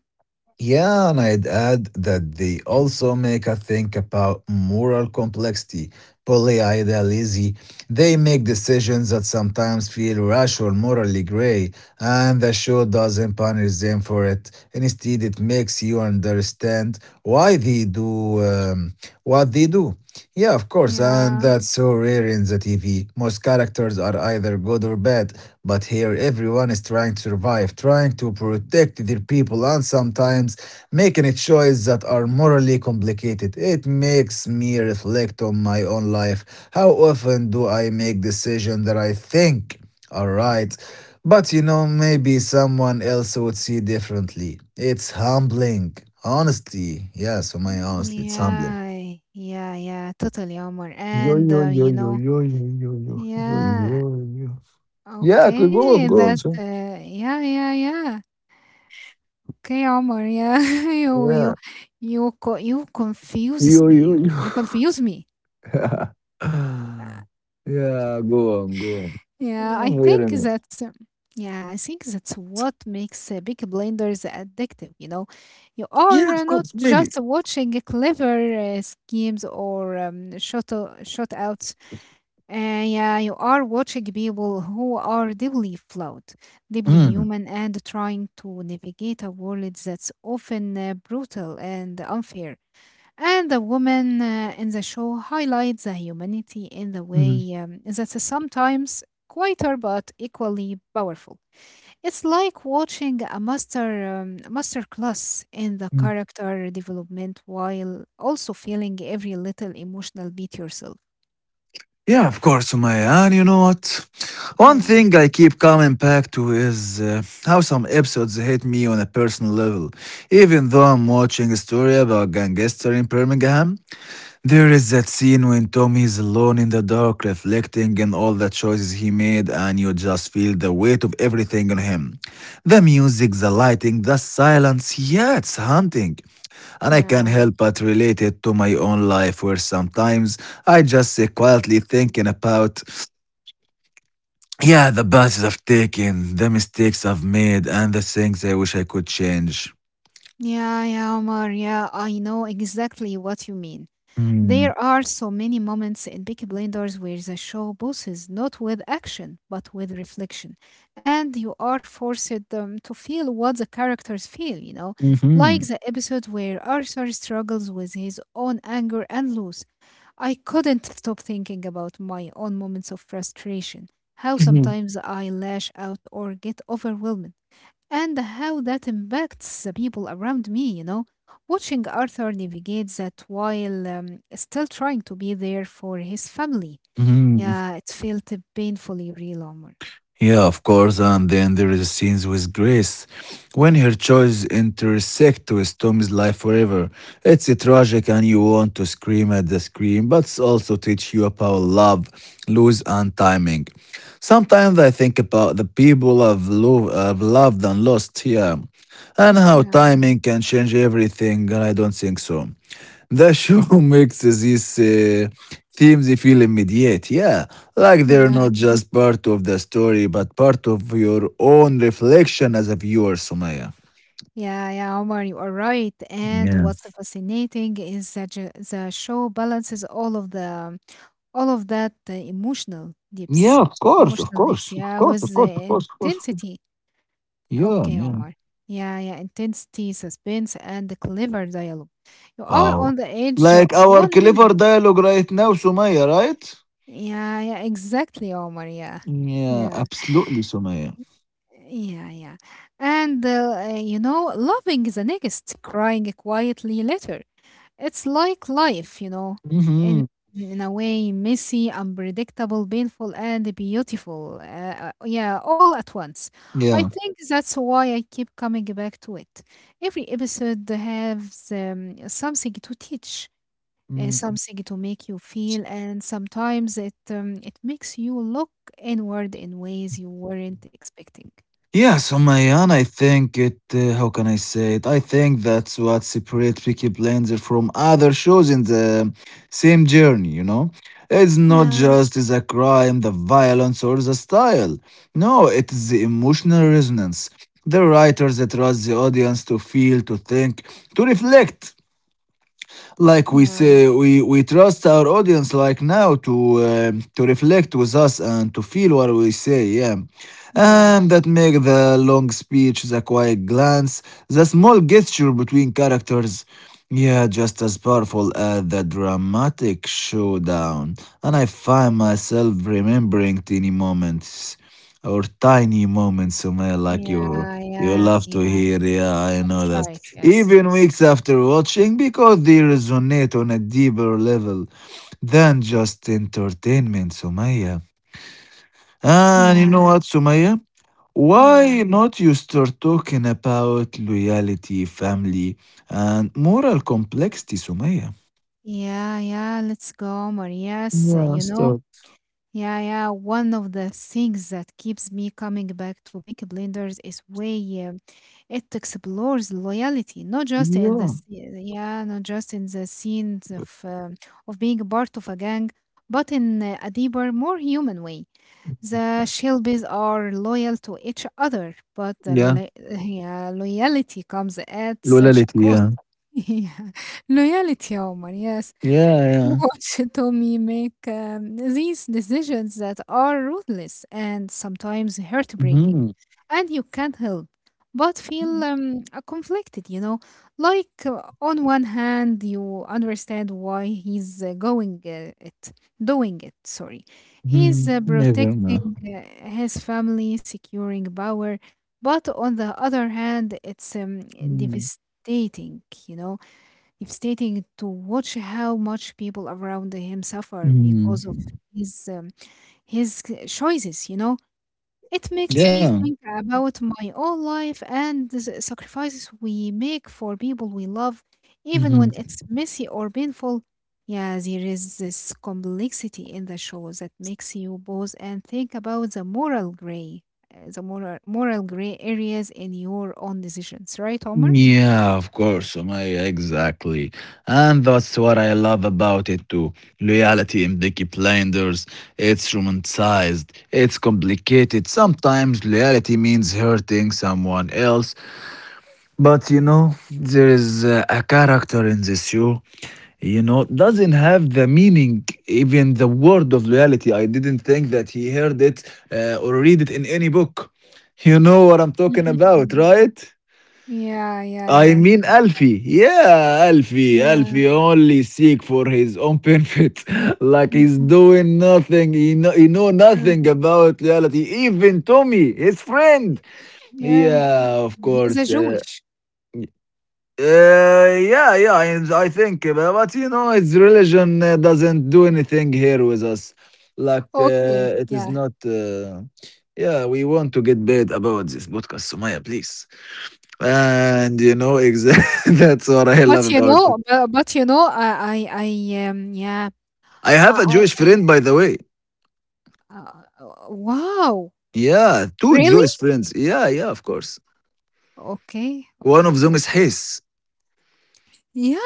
Speaker 2: Yeah, and I'd add that they also make us think about moral complexity, polyidealism. They make decisions that sometimes feel rash or morally gray, and the show doesn't punish them for it. Instead, it makes you understand why they do um, what they do. Yeah, of course, and
Speaker 1: Yeah.
Speaker 2: that's so rare in the T V. Most characters are either good or bad, but here everyone is trying to survive, trying to protect their people, and sometimes making a choice that are morally complicated. It makes me reflect on my own life. How often do I make decisions that I think? All right. But you know, maybe someone else would see differently. It's humbling. Honestly. Yes, for my
Speaker 1: Mm,
Speaker 2: honestly, it's humbling.
Speaker 1: yeah, yeah, yeah, totally, Omar.
Speaker 2: Yo,
Speaker 1: And
Speaker 2: yo,
Speaker 1: uh,
Speaker 2: yo,
Speaker 1: you
Speaker 2: yo,
Speaker 1: know,
Speaker 2: yo, yo, yo, yo, yo,
Speaker 1: yeah,
Speaker 2: yo, yo. Yeah, I could go
Speaker 1: okay,
Speaker 2: on, go on,
Speaker 1: that,
Speaker 2: sir.
Speaker 1: uh, yeah, yeah, yeah, okay, Omar, yeah, you, you,
Speaker 2: Yeah.
Speaker 1: you, co- you confuses
Speaker 2: Yo,
Speaker 1: me.
Speaker 2: yo, yo.
Speaker 1: You confuse me.
Speaker 2: Yeah, go on, go on.
Speaker 1: Yeah, I
Speaker 2: Oh, wait
Speaker 1: think
Speaker 2: a minute.
Speaker 1: that's um, yeah, I think that's what makes uh, Peaky Blinders addictive. You know, you are
Speaker 2: Yeah,
Speaker 1: uh,
Speaker 2: of
Speaker 1: not
Speaker 2: course, maybe.
Speaker 1: just watching clever uh, schemes or um, shot o- shot outs. Uh, yeah, you are watching people who are deeply flawed, deeply
Speaker 2: Mm.
Speaker 1: human, and trying to navigate a world that's often uh, brutal and unfair. And the woman uh, in the show highlights the humanity in the
Speaker 2: Mm.
Speaker 1: way um, that's sometimes quieter but equally powerful. It's like watching a master um, master class in the character development while also feeling every little emotional beat yourself.
Speaker 2: Yeah, of course, Sumaya. And you know what? One
Speaker 1: Yeah,
Speaker 2: thing I keep coming back to is uh, how some episodes hit me on a personal level. Even though I'm watching a story about gangster in Birmingham, there is that scene when Tommy is alone in the dark reflecting on all the choices he made and you just feel the weight of everything on him. The music, the lighting, the silence, yeah, it's haunting and I can't
Speaker 1: yeah,
Speaker 2: help but relate it to my own life where sometimes I just sit quietly thinking about, yeah, the paths I've taken, the mistakes I've made, and the things I wish I could change.
Speaker 1: yeah, yeah, Omar. Yeah, I know exactly what you mean.
Speaker 2: Mm-hmm.
Speaker 1: There are so many moments in Peaky Blinders where the show bosses not with action but with reflection, and you are forced um, to feel what the characters feel, you know, like the episode where Arthur struggles with his own anger and loss. I couldn't stop thinking about my own moments of frustration, how sometimes I lash out or get overwhelmed and how that impacts the people around me, you know. Watching Arthur navigate that while um, still trying to be there for his family. Yeah, it felt painfully real, Omar.
Speaker 2: Yeah, of course. And then there is scenes with Grace, when her choices intersect with Tommy's life forever. It's a tragic, and you want to scream at the screen, but it's also teach you about love, lose, and timing. Sometimes I think about the people I've, lo- I've loved and lost here, and how
Speaker 1: Yeah.
Speaker 2: timing can change everything. And I don't think so. The show makes these uh, themes feel immediate, yeah. Like they're not
Speaker 1: Yeah.
Speaker 2: just part of the story, but part of your own reflection as a viewer, Sumaya.
Speaker 1: Yeah, yeah, Omar, you are right. And
Speaker 2: Yeah.
Speaker 1: what's fascinating is that ju- the show balances all of the all of that uh, emotional
Speaker 2: Yeah,
Speaker 1: dips,
Speaker 2: of course, of
Speaker 1: emotional dips,
Speaker 2: course, of
Speaker 1: yeah,
Speaker 2: course, of
Speaker 1: with
Speaker 2: course, of
Speaker 1: the
Speaker 2: course, of course.
Speaker 1: intensity.
Speaker 2: Yeah,
Speaker 1: Okay,
Speaker 2: yeah.
Speaker 1: Omar. Yeah, yeah, intensity, suspense, and the clever dialogue. You are
Speaker 2: Wow.
Speaker 1: on the edge uh,
Speaker 2: Like our
Speaker 1: one
Speaker 2: clever
Speaker 1: minute.
Speaker 2: dialogue right now, Sumaya, right?
Speaker 1: Yeah, yeah, exactly, Omar. Yeah,
Speaker 2: Yeah,
Speaker 1: yeah,
Speaker 2: absolutely, Sumaya.
Speaker 1: yeah, yeah. And, uh, uh, you know, loving the next, crying quietly later. It's like life, you know, in
Speaker 2: Mm-hmm.
Speaker 1: in a way, messy, unpredictable, painful, and beautiful. Uh, uh, yeah, all at once. I
Speaker 2: Yeah.
Speaker 1: think that's why I keep coming back to it. Every episode has um, something to teach, uh, something to make you feel, and sometimes it um, it makes you look inward in ways you weren't expecting.
Speaker 2: Yeah, so my I think it, uh, how can I say it? I think that's what separates Peaky Blinders from other shows in the same journey, you know? It's not
Speaker 1: Yeah.
Speaker 2: just the crime, the violence, or the style. No, it is the emotional resonance. The writers that trust the audience to feel, to think, to reflect, like we
Speaker 1: Yeah.
Speaker 2: say, we we trust our audience like now to um, to reflect with us and to feel what we say, yeah,
Speaker 1: Yeah,
Speaker 2: and that make the long speech, the quiet glance, the small gesture between characters, yeah, just as powerful as the dramatic showdown. And I find myself remembering teeny moments or tiny moments, Sumaya, like you
Speaker 1: yeah,
Speaker 2: you
Speaker 1: yeah,
Speaker 2: love to
Speaker 1: yeah.
Speaker 2: hear. Yeah, I know
Speaker 1: That's
Speaker 2: that.
Speaker 1: right. Yes.
Speaker 2: Even weeks after watching, because they resonate on a deeper level than just entertainment, Sumaya. And you know
Speaker 1: Yeah,
Speaker 2: what, Sumaya?
Speaker 1: yeah,
Speaker 2: Why not you start talking about loyalty, family, and moral complexity, Sumaya?
Speaker 1: yeah, yeah. Let's go, Marias.
Speaker 2: Yeah,
Speaker 1: You know,
Speaker 2: stop.
Speaker 1: yeah, yeah. One of the things that keeps me coming back to Big Blenders is way uh, it explores loyalty, not just in the
Speaker 2: Yeah.
Speaker 1: s- yeah, not just in the scenes of um of being part of a gang, but in uh, a deeper, more human way. The Shelbys are loyal to each other, but the
Speaker 2: Yeah,
Speaker 1: lola- yeah, loyalty comes at such a
Speaker 2: loyalty,
Speaker 1: cost.
Speaker 2: yeah.
Speaker 1: Yeah. Loyalty, Omar, yes.
Speaker 2: Yeah, yeah.
Speaker 1: Watch Tommy make um, these decisions that are ruthless and sometimes heartbreaking,
Speaker 2: hmm
Speaker 1: and you can't help but feel um, uh, conflicted, you know. Like, uh, on one hand, you understand why he's uh, going uh, it, doing it, sorry. He's
Speaker 2: hmm
Speaker 1: uh, Mm.
Speaker 2: Never know.
Speaker 1: protecting uh, his family, securing power, but on the other hand, it's um,
Speaker 2: Mm,
Speaker 1: devastating, you know, devastating to watch how much people around him suffer because of
Speaker 2: mm,
Speaker 1: his um, his c- choices, you know. It makes me
Speaker 2: Yeah.
Speaker 1: think about my own life and the s- sacrifices we make for people we love even
Speaker 2: hmm
Speaker 1: when it's messy or painful. Yeah, there is this complexity in the show that makes you pause and think about the moral gray, uh, the moral, moral gray areas in your own decisions, right, Omar?
Speaker 2: Yeah, of course, Sumaya, exactly. And that's what I love about it too. Loyalty in Peaky Blinders, it's romanticized, it's complicated. Sometimes loyalty means hurting someone else. But you know, there is uh, a character in this show, you know, doesn't have the meaning, even the word of loyalty. I didn't think that he heard it uh, or read it in any book. You know what I'm talking about,
Speaker 1: Mhm.
Speaker 2: right?
Speaker 1: Yeah, yeah,
Speaker 2: I
Speaker 1: yeah.
Speaker 2: mean, Alfie. Yeah, Alfie.
Speaker 1: Yeah.
Speaker 2: Alfie only seek for his own benefit. Like
Speaker 1: Mm,
Speaker 2: he's doing nothing. He know, he know
Speaker 1: uh.
Speaker 2: nothing about reality. Even Tommy, his friend.
Speaker 1: Yeah,
Speaker 2: Yeah, of
Speaker 1: he's a
Speaker 2: course. Uh,
Speaker 1: Jewish.
Speaker 2: uh, yeah, yeah, I, I think, uh, but, but you know, its religion uh, doesn't do anything here with us. Like,
Speaker 1: Okay,
Speaker 2: uh, it is
Speaker 1: yeah.
Speaker 2: not. Uh, yeah, we want to get bad about this podcast, Sumaya, please. And you know, exactly that's what I
Speaker 1: But
Speaker 2: love
Speaker 1: you
Speaker 2: about it.
Speaker 1: know, bu but you know, I I I, um, yeah,
Speaker 2: I have a
Speaker 1: I
Speaker 2: Jewish friend, by the way.
Speaker 1: I uh, uh, wow,
Speaker 2: Yeah, two
Speaker 1: really?
Speaker 2: Jewish friends. Yeah, yeah, of course.
Speaker 1: Okay,
Speaker 2: One of
Speaker 1: okay, okay.
Speaker 2: them is His.
Speaker 1: Yeah.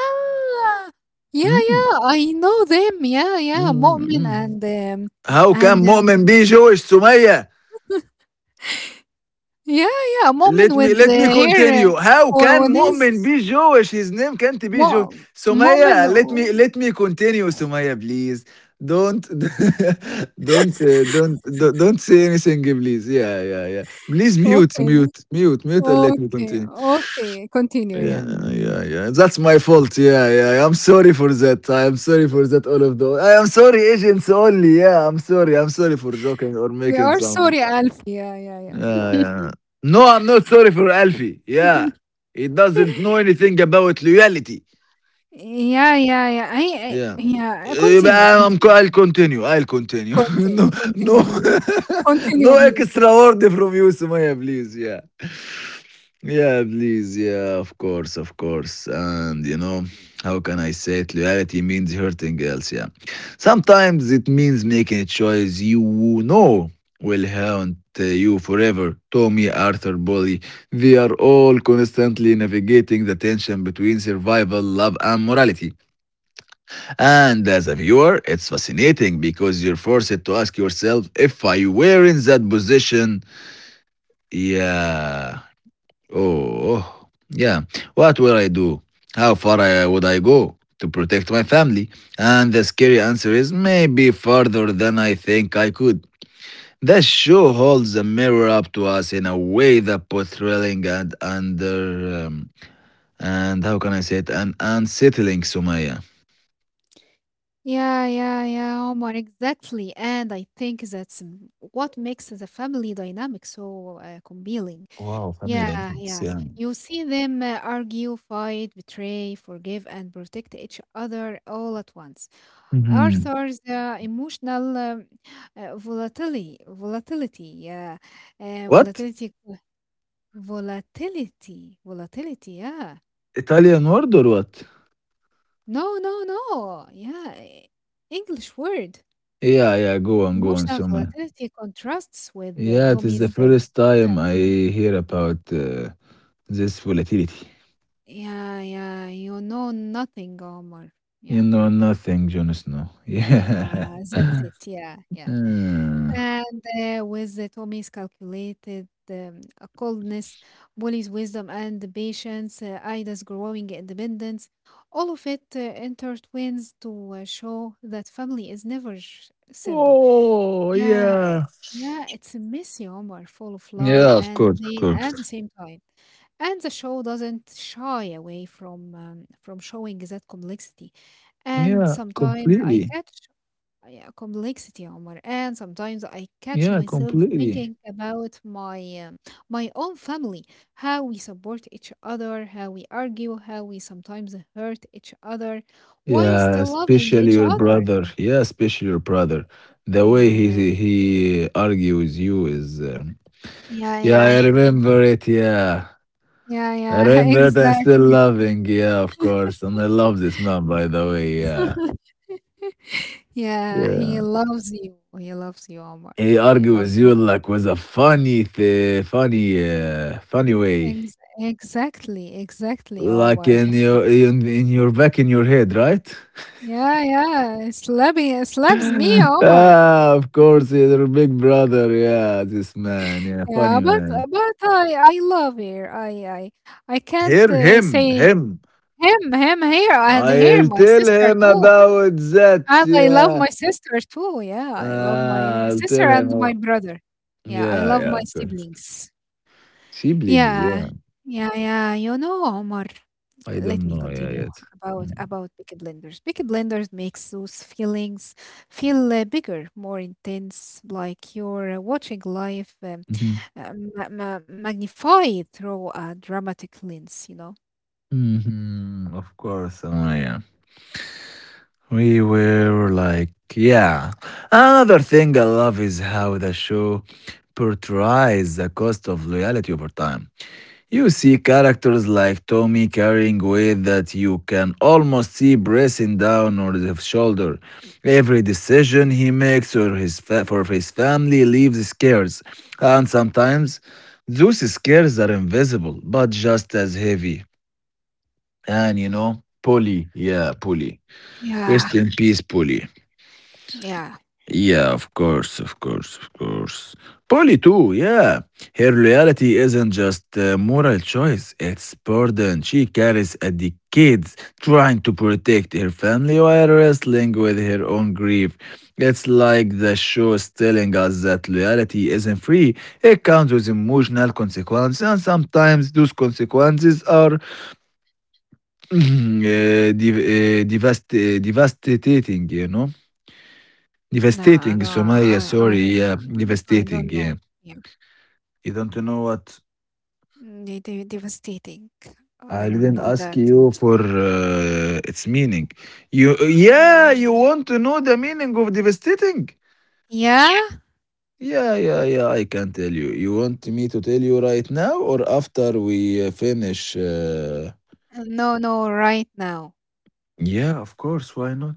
Speaker 1: Yeah,
Speaker 2: Mm,
Speaker 1: yeah, I know them. Yeah, yeah,
Speaker 2: mm,
Speaker 1: Mu'min
Speaker 2: mm.
Speaker 1: and, um,
Speaker 2: How
Speaker 1: and,
Speaker 2: can Mu'min
Speaker 1: um,
Speaker 2: be Jewish, Sumaya?
Speaker 1: yeah, yeah, Mu'min
Speaker 2: Let me
Speaker 1: with the
Speaker 2: let me
Speaker 1: hair,
Speaker 2: continue.
Speaker 1: uh,
Speaker 2: How can
Speaker 1: on his...
Speaker 2: Mu'min be Jewish? His name can't be
Speaker 1: Mu
Speaker 2: Jewish.
Speaker 1: Mu'min,
Speaker 2: Sumaya, let
Speaker 1: oh,
Speaker 2: me let me continue, Sumaya, please. Don't don't uh, don't don't don't say anything, please. Yeah, yeah, yeah. Please mute,
Speaker 1: okay.
Speaker 2: mute, mute, mute, and let me
Speaker 1: Okay,
Speaker 2: continue.
Speaker 1: okay, continue, yeah.
Speaker 2: Yeah, yeah, yeah. That's my fault. Yeah, yeah. I'm sorry for that. I am sorry for that. All of the. I am sorry, agents only. Yeah, I'm sorry. I'm sorry for joking or
Speaker 1: We
Speaker 2: making
Speaker 1: are
Speaker 2: some.
Speaker 1: sorry, Alf. Yeah, yeah, yeah.
Speaker 2: Yeah, yeah. No, I'm not sorry for Alfie. Yeah. He doesn't know anything about loyalty.
Speaker 1: Yeah, yeah, yeah. I, I
Speaker 2: Yeah.
Speaker 1: yeah, uh, continue,
Speaker 2: يبقى I'm, co-
Speaker 1: continue.
Speaker 2: I'll continue. I'll continue.
Speaker 1: Continue,
Speaker 2: No, no,
Speaker 1: continue, please.
Speaker 2: no
Speaker 1: Continue, please.
Speaker 2: extra word from you, Sumaya, please. Yeah. Yeah, please. Yeah, of course, of course. And you know, how can I say it? Loyalty means hurting else. Yeah. Sometimes it means making a choice you know will haunt uh, you forever. Tommy, Arthur, Bully, they are all constantly navigating the tension between survival, love, and morality. And as a viewer, it's fascinating because you're forced to ask yourself, if I were in that position, yeah, oh, yeah, what will I do? How far uh, would I go to protect my family? And the scary answer is maybe farther than I think I could. The show holds a mirror up to us in a way that both thrilling and under um, and how can I say it, and unsettling, Sumaya.
Speaker 1: Yeah, yeah, yeah, Omar, exactly. And I think that's m- what makes the family dynamic so uh, compelling.
Speaker 2: Wow, family
Speaker 1: Yeah, yeah.
Speaker 2: dynamics. Yeah.
Speaker 1: You see them uh, argue, fight, betray, forgive, and protect each other all at once.
Speaker 2: Mhm.
Speaker 1: Arthur's uh, emotional um, uh, volatility, volatility, yeah, uh,
Speaker 2: What,
Speaker 1: volatility, volatility, volatility, yeah.
Speaker 2: Italian word or what?
Speaker 1: No, no, no, yeah. e- English word.
Speaker 2: Yeah, yeah. Go on, go on,
Speaker 1: Emotional
Speaker 2: Sumaya.
Speaker 1: volatility contrasts with uh,
Speaker 2: Yeah, it is
Speaker 1: Tommy's.
Speaker 2: the
Speaker 1: Uh,
Speaker 2: first time I hear about uh, this volatility.
Speaker 1: yeah, yeah. You know nothing, Omar.
Speaker 2: You
Speaker 1: Yeah.
Speaker 2: know nothing, Jon Snow. Yeah.
Speaker 1: Yeah, that's it. Yeah, yeah.
Speaker 2: Uh,
Speaker 1: And uh, with the Tommy's calculated um, uh, coldness, Wally's wisdom and patience, uh, Ida's growing independence, all of it uh, intertwines to uh, show that family is never sh- simple.
Speaker 2: oh,
Speaker 1: Yeah, uh,
Speaker 2: yeah.
Speaker 1: yeah, it's a messy Omar, full of love
Speaker 2: Yeah, of
Speaker 1: and
Speaker 2: course, of
Speaker 1: pain at the
Speaker 2: course.
Speaker 1: same time. And the show doesn't shy away from um, from showing that complexity. And
Speaker 2: Yeah,
Speaker 1: sometimes I
Speaker 2: completely.
Speaker 1: catch uh, yeah, complexity, Omar. And sometimes I catch
Speaker 2: Yeah,
Speaker 1: myself
Speaker 2: completely.
Speaker 1: thinking about my um, my own family, how we support each other, how we argue, how we sometimes hurt each other, while
Speaker 2: Yeah,
Speaker 1: still loving
Speaker 2: especially
Speaker 1: each
Speaker 2: your
Speaker 1: other.
Speaker 2: brother. Yeah, especially your brother. The
Speaker 1: Yeah,
Speaker 2: way
Speaker 1: yeah,
Speaker 2: he he argue with you is, um,
Speaker 1: yeah,
Speaker 2: yeah, I
Speaker 1: yeah,
Speaker 2: remember it. Yeah.
Speaker 1: yeah,
Speaker 2: I
Speaker 1: yeah.
Speaker 2: read that I still
Speaker 1: Exactly.
Speaker 2: loving, yeah, of course. And I love this man, by the way, yeah.
Speaker 1: Yeah, he
Speaker 2: Yeah.
Speaker 1: loves you. He loves you, Omar.
Speaker 2: He
Speaker 1: Yeah, he
Speaker 2: argue
Speaker 1: loves
Speaker 2: with
Speaker 1: you
Speaker 2: you
Speaker 1: too.
Speaker 2: like with a funny, th- funny, uh, funny way.
Speaker 1: Ex exactly, exactly,
Speaker 2: Like
Speaker 1: Omar.
Speaker 2: in your, in, in your back in your head, right?
Speaker 1: Yeah, yeah. Slapping, slaps me, Omar.
Speaker 2: Ah, of course, he's your big brother, yeah, this man, yeah, funny
Speaker 1: Yeah, but
Speaker 2: man.
Speaker 1: uh, but I I love her. I I I can't
Speaker 2: Hear
Speaker 1: uh,
Speaker 2: him,
Speaker 1: say
Speaker 2: him.
Speaker 1: him him here and here
Speaker 2: I'll
Speaker 1: my
Speaker 2: tell
Speaker 1: sister
Speaker 2: him
Speaker 1: too.
Speaker 2: about that,
Speaker 1: And I love
Speaker 2: yeah.
Speaker 1: my sister too. Yeah, I love
Speaker 2: Ah,
Speaker 1: my
Speaker 2: I'll tell
Speaker 1: sister and
Speaker 2: him.
Speaker 1: my brother. Yeah, I
Speaker 2: Yeah,
Speaker 1: love
Speaker 2: yeah,
Speaker 1: my
Speaker 2: of course.
Speaker 1: siblings.
Speaker 2: Siblings,
Speaker 1: Yeah.
Speaker 2: yeah.
Speaker 1: Yeah, yeah. You know, Omar,
Speaker 2: I
Speaker 1: let
Speaker 2: don't
Speaker 1: me
Speaker 2: know yeah
Speaker 1: continue
Speaker 2: yet.
Speaker 1: about
Speaker 2: Mm.
Speaker 1: about Peaky Blinders. Peaky blenders makes those feelings feel uh, bigger, more intense, like you're uh, watching life. Um,
Speaker 2: Mhm.
Speaker 1: uh, ma- ma- magnify through a dramatic lens, you know?
Speaker 2: Mhm. Of course, oh yeah. We were like, yeah. Another thing I love is how the show portrays the cost of loyalty over time. You see characters like Tommy carrying weight that you can almost see pressing down on his shoulder. Every decision he makes or his fa- for his family leaves scars, and sometimes those scars are invisible but just as heavy. And you know, Polly, yeah, Polly.
Speaker 1: Yeah,
Speaker 2: Rest in peace, Polly.
Speaker 1: yeah.
Speaker 2: Yeah, of course, of course, of course. Polly too, yeah. Her loyalty isn't just a moral choice, it's burden she carries at the kids, trying to protect her family while wrestling with her own grief. It's like the show is telling us that loyalty isn't free. It comes with emotional consequences, and sometimes those consequences are eh, dev- eh, devast- eh, devastating, you know?
Speaker 1: No,
Speaker 2: Devastating,
Speaker 1: no,
Speaker 2: Sumaya.
Speaker 1: I, I,
Speaker 2: Sorry, yeah,
Speaker 1: I, I
Speaker 2: devastating.
Speaker 1: don't
Speaker 2: Yeah,
Speaker 1: know. Yeah,
Speaker 2: you don't know what.
Speaker 1: mm, they, they devastating. I
Speaker 2: I
Speaker 1: don't
Speaker 2: didn't
Speaker 1: know
Speaker 2: ask
Speaker 1: that.
Speaker 2: you for uh, its meaning. You, uh,
Speaker 1: I,
Speaker 2: yeah, you want to know the meaning of devastating?
Speaker 1: yeah,
Speaker 2: Yeah, yeah, yeah, yeah. I can tell you. You want me to tell you right now or after we uh, finish? Uh...
Speaker 1: Uh, no, no, right now.
Speaker 2: Yeah, of course. Why not?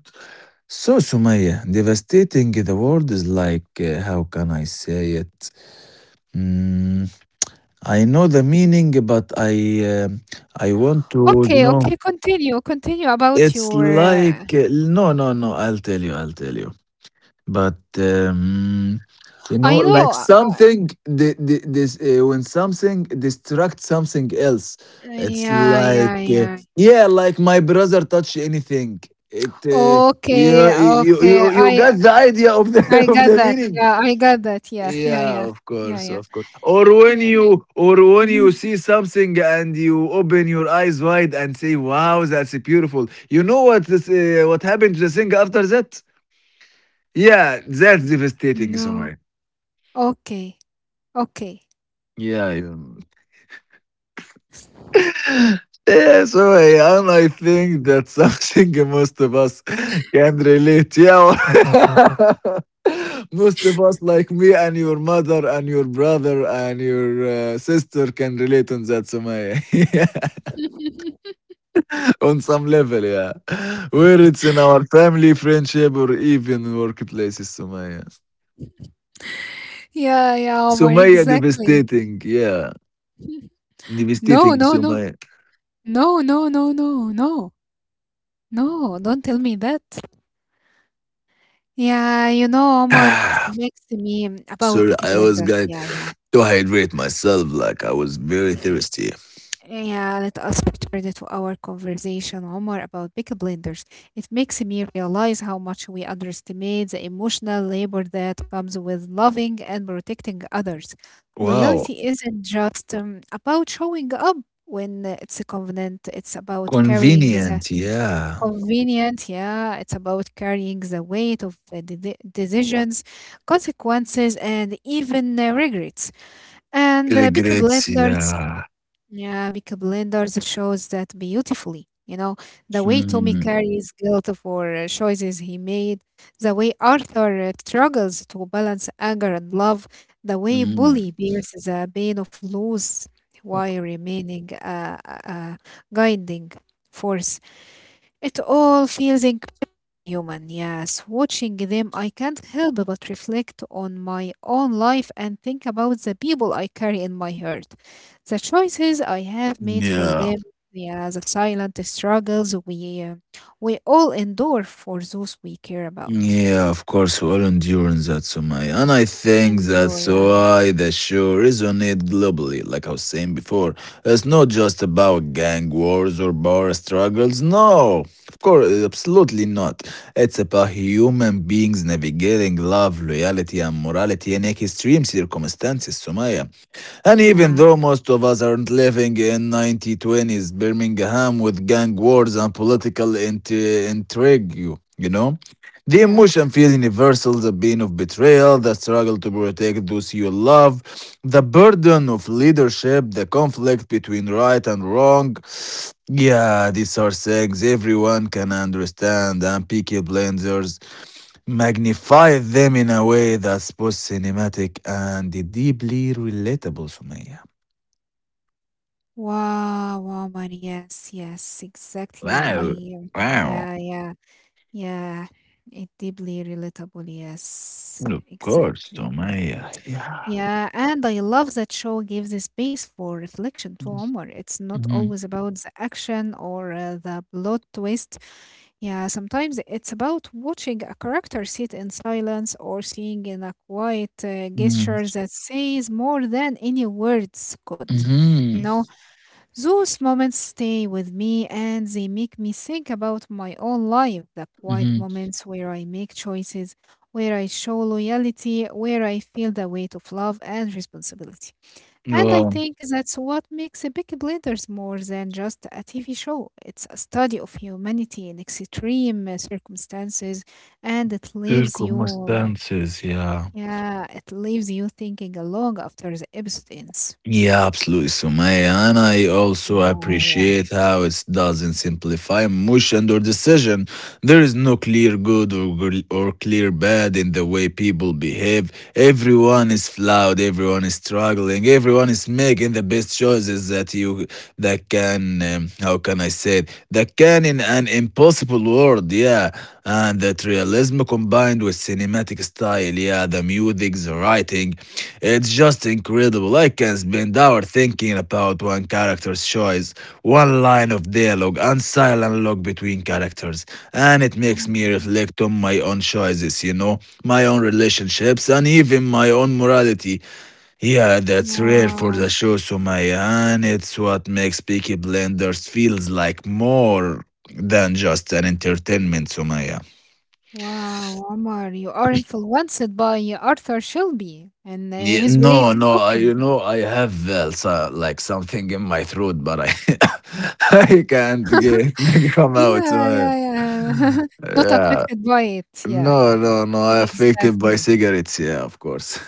Speaker 2: So, Sumaya, devastating. The word is like, uh, how can I say it? Mm, I know the meaning, but I uh, I want to
Speaker 1: Okay,
Speaker 2: know.
Speaker 1: okay, continue, continue about
Speaker 2: It's
Speaker 1: your.
Speaker 2: like
Speaker 1: Uh,
Speaker 2: uh, no, no, no. I'll tell you. I'll tell you. But um, you know,
Speaker 1: I know.
Speaker 2: like
Speaker 1: Uh,
Speaker 2: something the, the, this uh, when something distracts something else,
Speaker 1: uh,
Speaker 2: it's
Speaker 1: yeah, yeah,
Speaker 2: like uh,
Speaker 1: yeah.
Speaker 2: yeah, like my brother touch anything. It uh, you
Speaker 1: Okay,
Speaker 2: you you
Speaker 1: okay.
Speaker 2: you
Speaker 1: I,
Speaker 2: got the idea of the
Speaker 1: I
Speaker 2: of
Speaker 1: got
Speaker 2: the
Speaker 1: that.
Speaker 2: meaning.
Speaker 1: Yeah, I got that. Yeah, yeah,
Speaker 2: Yeah,
Speaker 1: yeah,
Speaker 2: of
Speaker 1: yeah,
Speaker 2: course,
Speaker 1: yeah,
Speaker 2: of course. Or when
Speaker 1: yeah.
Speaker 2: you or when
Speaker 1: Mhm.
Speaker 2: you see something and you open your eyes wide and say, "Wow, that's beautiful." You know what this, uh, what happened to the thing after that? Yeah, that's devastating,
Speaker 1: No.
Speaker 2: Somaya.
Speaker 1: Okay. Okay.
Speaker 2: Yeah, yeah. Yeah, so yeah, and I think that something most of us can relate. Yeah, most of us, like me and your mother and your brother and your uh, sister, can relate on that, Somaya. On some level, yeah. Whether it's in our family, friendship, or even in workplaces, Sumaya.
Speaker 1: Yeah, yeah, Omar,
Speaker 2: Sumaya
Speaker 1: exactly.
Speaker 2: devastating, yeah.
Speaker 1: No,
Speaker 2: Devastating,
Speaker 1: no, no.
Speaker 2: Sumaya.
Speaker 1: No, no, no, no, no. No, don't tell me that. Yeah, you know, Omar, it makes me about
Speaker 2: Sorry,
Speaker 1: picky
Speaker 2: I was
Speaker 1: blenders.
Speaker 2: going
Speaker 1: Yeah,
Speaker 2: to hydrate myself like I was very
Speaker 1: yeah.
Speaker 2: thirsty.
Speaker 1: Yeah, let us return to our conversation, Omar, about big blenders. It makes me realize how much we underestimate the emotional labor that comes with loving and protecting others.
Speaker 2: Wow.
Speaker 1: Loyalty isn't just um, about showing up when uh, it's convenient; it's about carrying the
Speaker 2: Convenient, yeah.
Speaker 1: convenient, yeah, it's about carrying the weight of the de- decisions, consequences, and even uh, regrets. And uh, big
Speaker 2: Regrets,
Speaker 1: blenders
Speaker 2: yeah.
Speaker 1: yeah, because Blenders shows that beautifully. You know, the way Tommy
Speaker 2: Mm,
Speaker 1: carries guilt for uh, choices he made, the way Arthur uh, struggles to balance anger and love, the way
Speaker 2: mm,
Speaker 1: Bully bears the pain of loss while remaining a, a, a guiding force. It all feels inc human, yes. Watching them, I can't help but reflect on my own life and think about the people I carry in my heart, the choices I have made for
Speaker 2: yeah.
Speaker 1: them, yeah, the silent struggles we uh, we all endure for those we care about.
Speaker 2: Yeah, of course, we all endure that, Sumaya. And I think
Speaker 1: Endure,
Speaker 2: that's
Speaker 1: yeah,
Speaker 2: why the show resonates globally. Like I was saying before, it's not just about gang wars or power struggles. No, of course, absolutely not. It's about human beings navigating love, loyalty, and morality in extreme circumstances, Sumaya. And even
Speaker 1: yeah,
Speaker 2: though most of us aren't living in nineteen twenties Birmingham with gang wars and political inti- intrigue, you you know? The
Speaker 1: yeah.
Speaker 2: emotion feels universal, the pain of betrayal, the struggle to protect those you love, the burden of leadership, the conflict between right and wrong. Yeah, these are things everyone can understand, and Peaky Blinders magnify them in a way that's both cinematic and deeply relatable, Sumaya.
Speaker 1: Wow, wow, man, yes, yes, exactly. I,
Speaker 2: Wow,
Speaker 1: um,
Speaker 2: wow.
Speaker 1: yeah, yeah, yeah. It deeply relatable, yes,
Speaker 2: Of course,
Speaker 1: exactly.
Speaker 2: Sumaya. Yeah.
Speaker 1: Yeah, and I love that show gives a space for reflection to Omar. It's not
Speaker 2: Mm-hmm.
Speaker 1: always about the action or uh, the plot twist. Yeah, sometimes it's about watching a character sit in silence or seeing in a quiet uh,
Speaker 2: Mm-hmm.
Speaker 1: gesture that says more than any words could. You
Speaker 2: Mm-hmm.
Speaker 1: know, those moments stay with me and they make me think about my own life, the quiet
Speaker 2: Mm-hmm.
Speaker 1: moments where I make choices, where I show loyalty, where I feel the weight of love and responsibility. And I
Speaker 2: Well,
Speaker 1: think that's what makes a Big Blenders more than just a T V show. It's a study of humanity in extreme uh, circumstances, and it leaves you,
Speaker 2: circumstances, yeah.
Speaker 1: yeah, it leaves you thinking long after the episode ends.
Speaker 2: Yeah, absolutely, Sumaya. And I also
Speaker 1: Wow, yeah.
Speaker 2: appreciate how it doesn't simplify emotion or decision. There is no clear good or, or clear bad in the way people behave. Everyone is flawed, everyone is struggling, everyone is making the best choices that you that can um, how can I say it, that can in an impossible world, yeah. And that realism combined with cinematic style, yeah, the music, the writing, it's just incredible. I can spend hours thinking about one character's choice, one line of dialogue, and silent log between characters. And it makes me
Speaker 1: Mm,
Speaker 2: reflect on my own choices, you know, my own relationships, and even my own morality. Yeah, that's rare for the
Speaker 1: wow.
Speaker 2: show, Sumaya, and it's what makes Peaky Blinders feels like more than just an entertainment, Sumaya.
Speaker 1: Wow, Omar, you are influenced by Arthur Shelby and uh,
Speaker 2: Yeah,
Speaker 1: his way
Speaker 2: no,
Speaker 1: of
Speaker 2: no, I, you
Speaker 1: talking.
Speaker 2: know, I have uh, so- like something in my throat, but I, I can't get come out,
Speaker 1: Yeah,
Speaker 2: Sumaya.
Speaker 1: yeah, yeah. Not
Speaker 2: Yeah,
Speaker 1: affected by it. Yeah,
Speaker 2: no,
Speaker 1: yeah.
Speaker 2: no, no, I affected by
Speaker 1: Exactly.
Speaker 2: cigarettes, yeah, of course.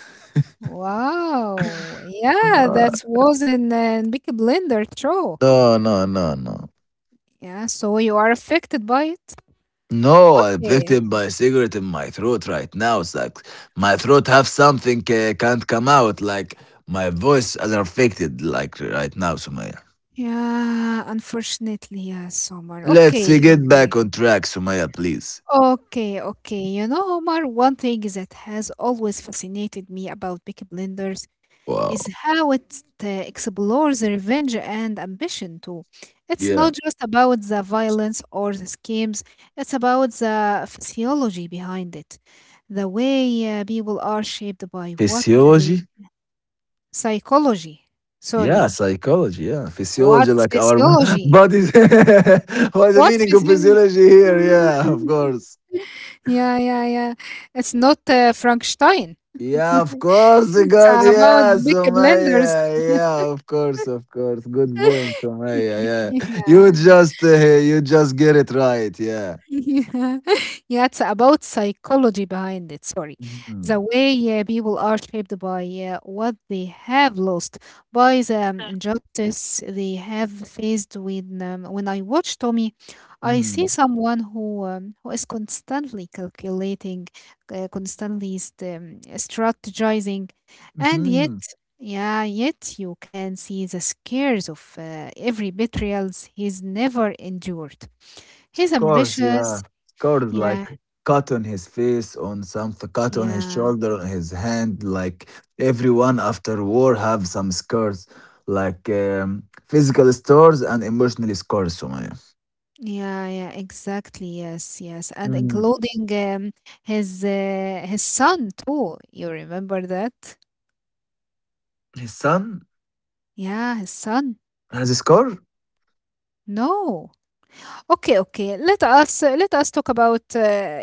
Speaker 1: Wow. Yeah, that was in uh, Big Blender show.
Speaker 2: No, no, no, no.
Speaker 1: Yeah, so you are affected by it.
Speaker 2: No, I picked
Speaker 1: Okay.
Speaker 2: up my cigarette in my throat right now. It's like my throat have something uh, can't come out. Like my voice is affected like right now, Sumaya.
Speaker 1: Yeah, unfortunately, yes, Omar.
Speaker 2: Let's uh,
Speaker 1: Okay,
Speaker 2: get
Speaker 1: okay.
Speaker 2: back on track, Sumaya, please.
Speaker 1: Okay, okay. You know, Omar, one thing that has always fascinated me about Peaky Blinders
Speaker 2: Wow.
Speaker 1: is how it uh, explores revenge and ambition too. It's
Speaker 2: Yeah.
Speaker 1: not just about the violence or the schemes, it's about the physiology behind it, the way uh, people are shaped by what the
Speaker 2: Physiology?
Speaker 1: psychology,
Speaker 2: Yeah,
Speaker 1: sorry,
Speaker 2: psychology, yeah.
Speaker 1: what
Speaker 2: Physiology, like our
Speaker 1: physiology,
Speaker 2: bodies. What's the
Speaker 1: what
Speaker 2: meaning of
Speaker 1: physiology.
Speaker 2: physiology here? Yeah, of course.
Speaker 1: yeah, yeah, yeah. It's not uh, Frankenstein.
Speaker 2: Yeah, of course,
Speaker 1: It's
Speaker 2: God.
Speaker 1: about
Speaker 2: Yeah,
Speaker 1: big blenders.
Speaker 2: Sumaya. Yeah, of course, of course. Good point, Sumaya. Yeah,
Speaker 1: yeah.
Speaker 2: you just uh, you just get it right. Yeah.
Speaker 1: Yeah, yeah, it's about psychology behind it. Sorry,
Speaker 2: Mhm.
Speaker 1: the way uh, people are shaped by uh, what they have lost, by the um, injustice they have faced. When um, when I watch Tommy, I see
Speaker 2: Mm.
Speaker 1: someone who um, who is constantly calculating, uh, constantly st- um, strategizing, and yet.
Speaker 2: hmm
Speaker 1: Yeah, yet you can see the scares of uh, every betrayals he's never endured.
Speaker 2: Of
Speaker 1: He's
Speaker 2: course, yeah.
Speaker 1: ambitious,
Speaker 2: Of course,
Speaker 1: yeah,
Speaker 2: like cut on his face, on something, cut on his
Speaker 1: yeah,
Speaker 2: shoulder, on his hand. Like everyone after war have some scars, like um, physical scars and emotional scars. Sumaya.
Speaker 1: yeah, yeah, exactly. Yes, yes, and
Speaker 2: Mm.
Speaker 1: including um, his uh, his son too. You remember that?
Speaker 2: His son
Speaker 1: Yeah, his son.
Speaker 2: has a scar.
Speaker 1: No. Okay, okay. Let us uh, let us talk about uh,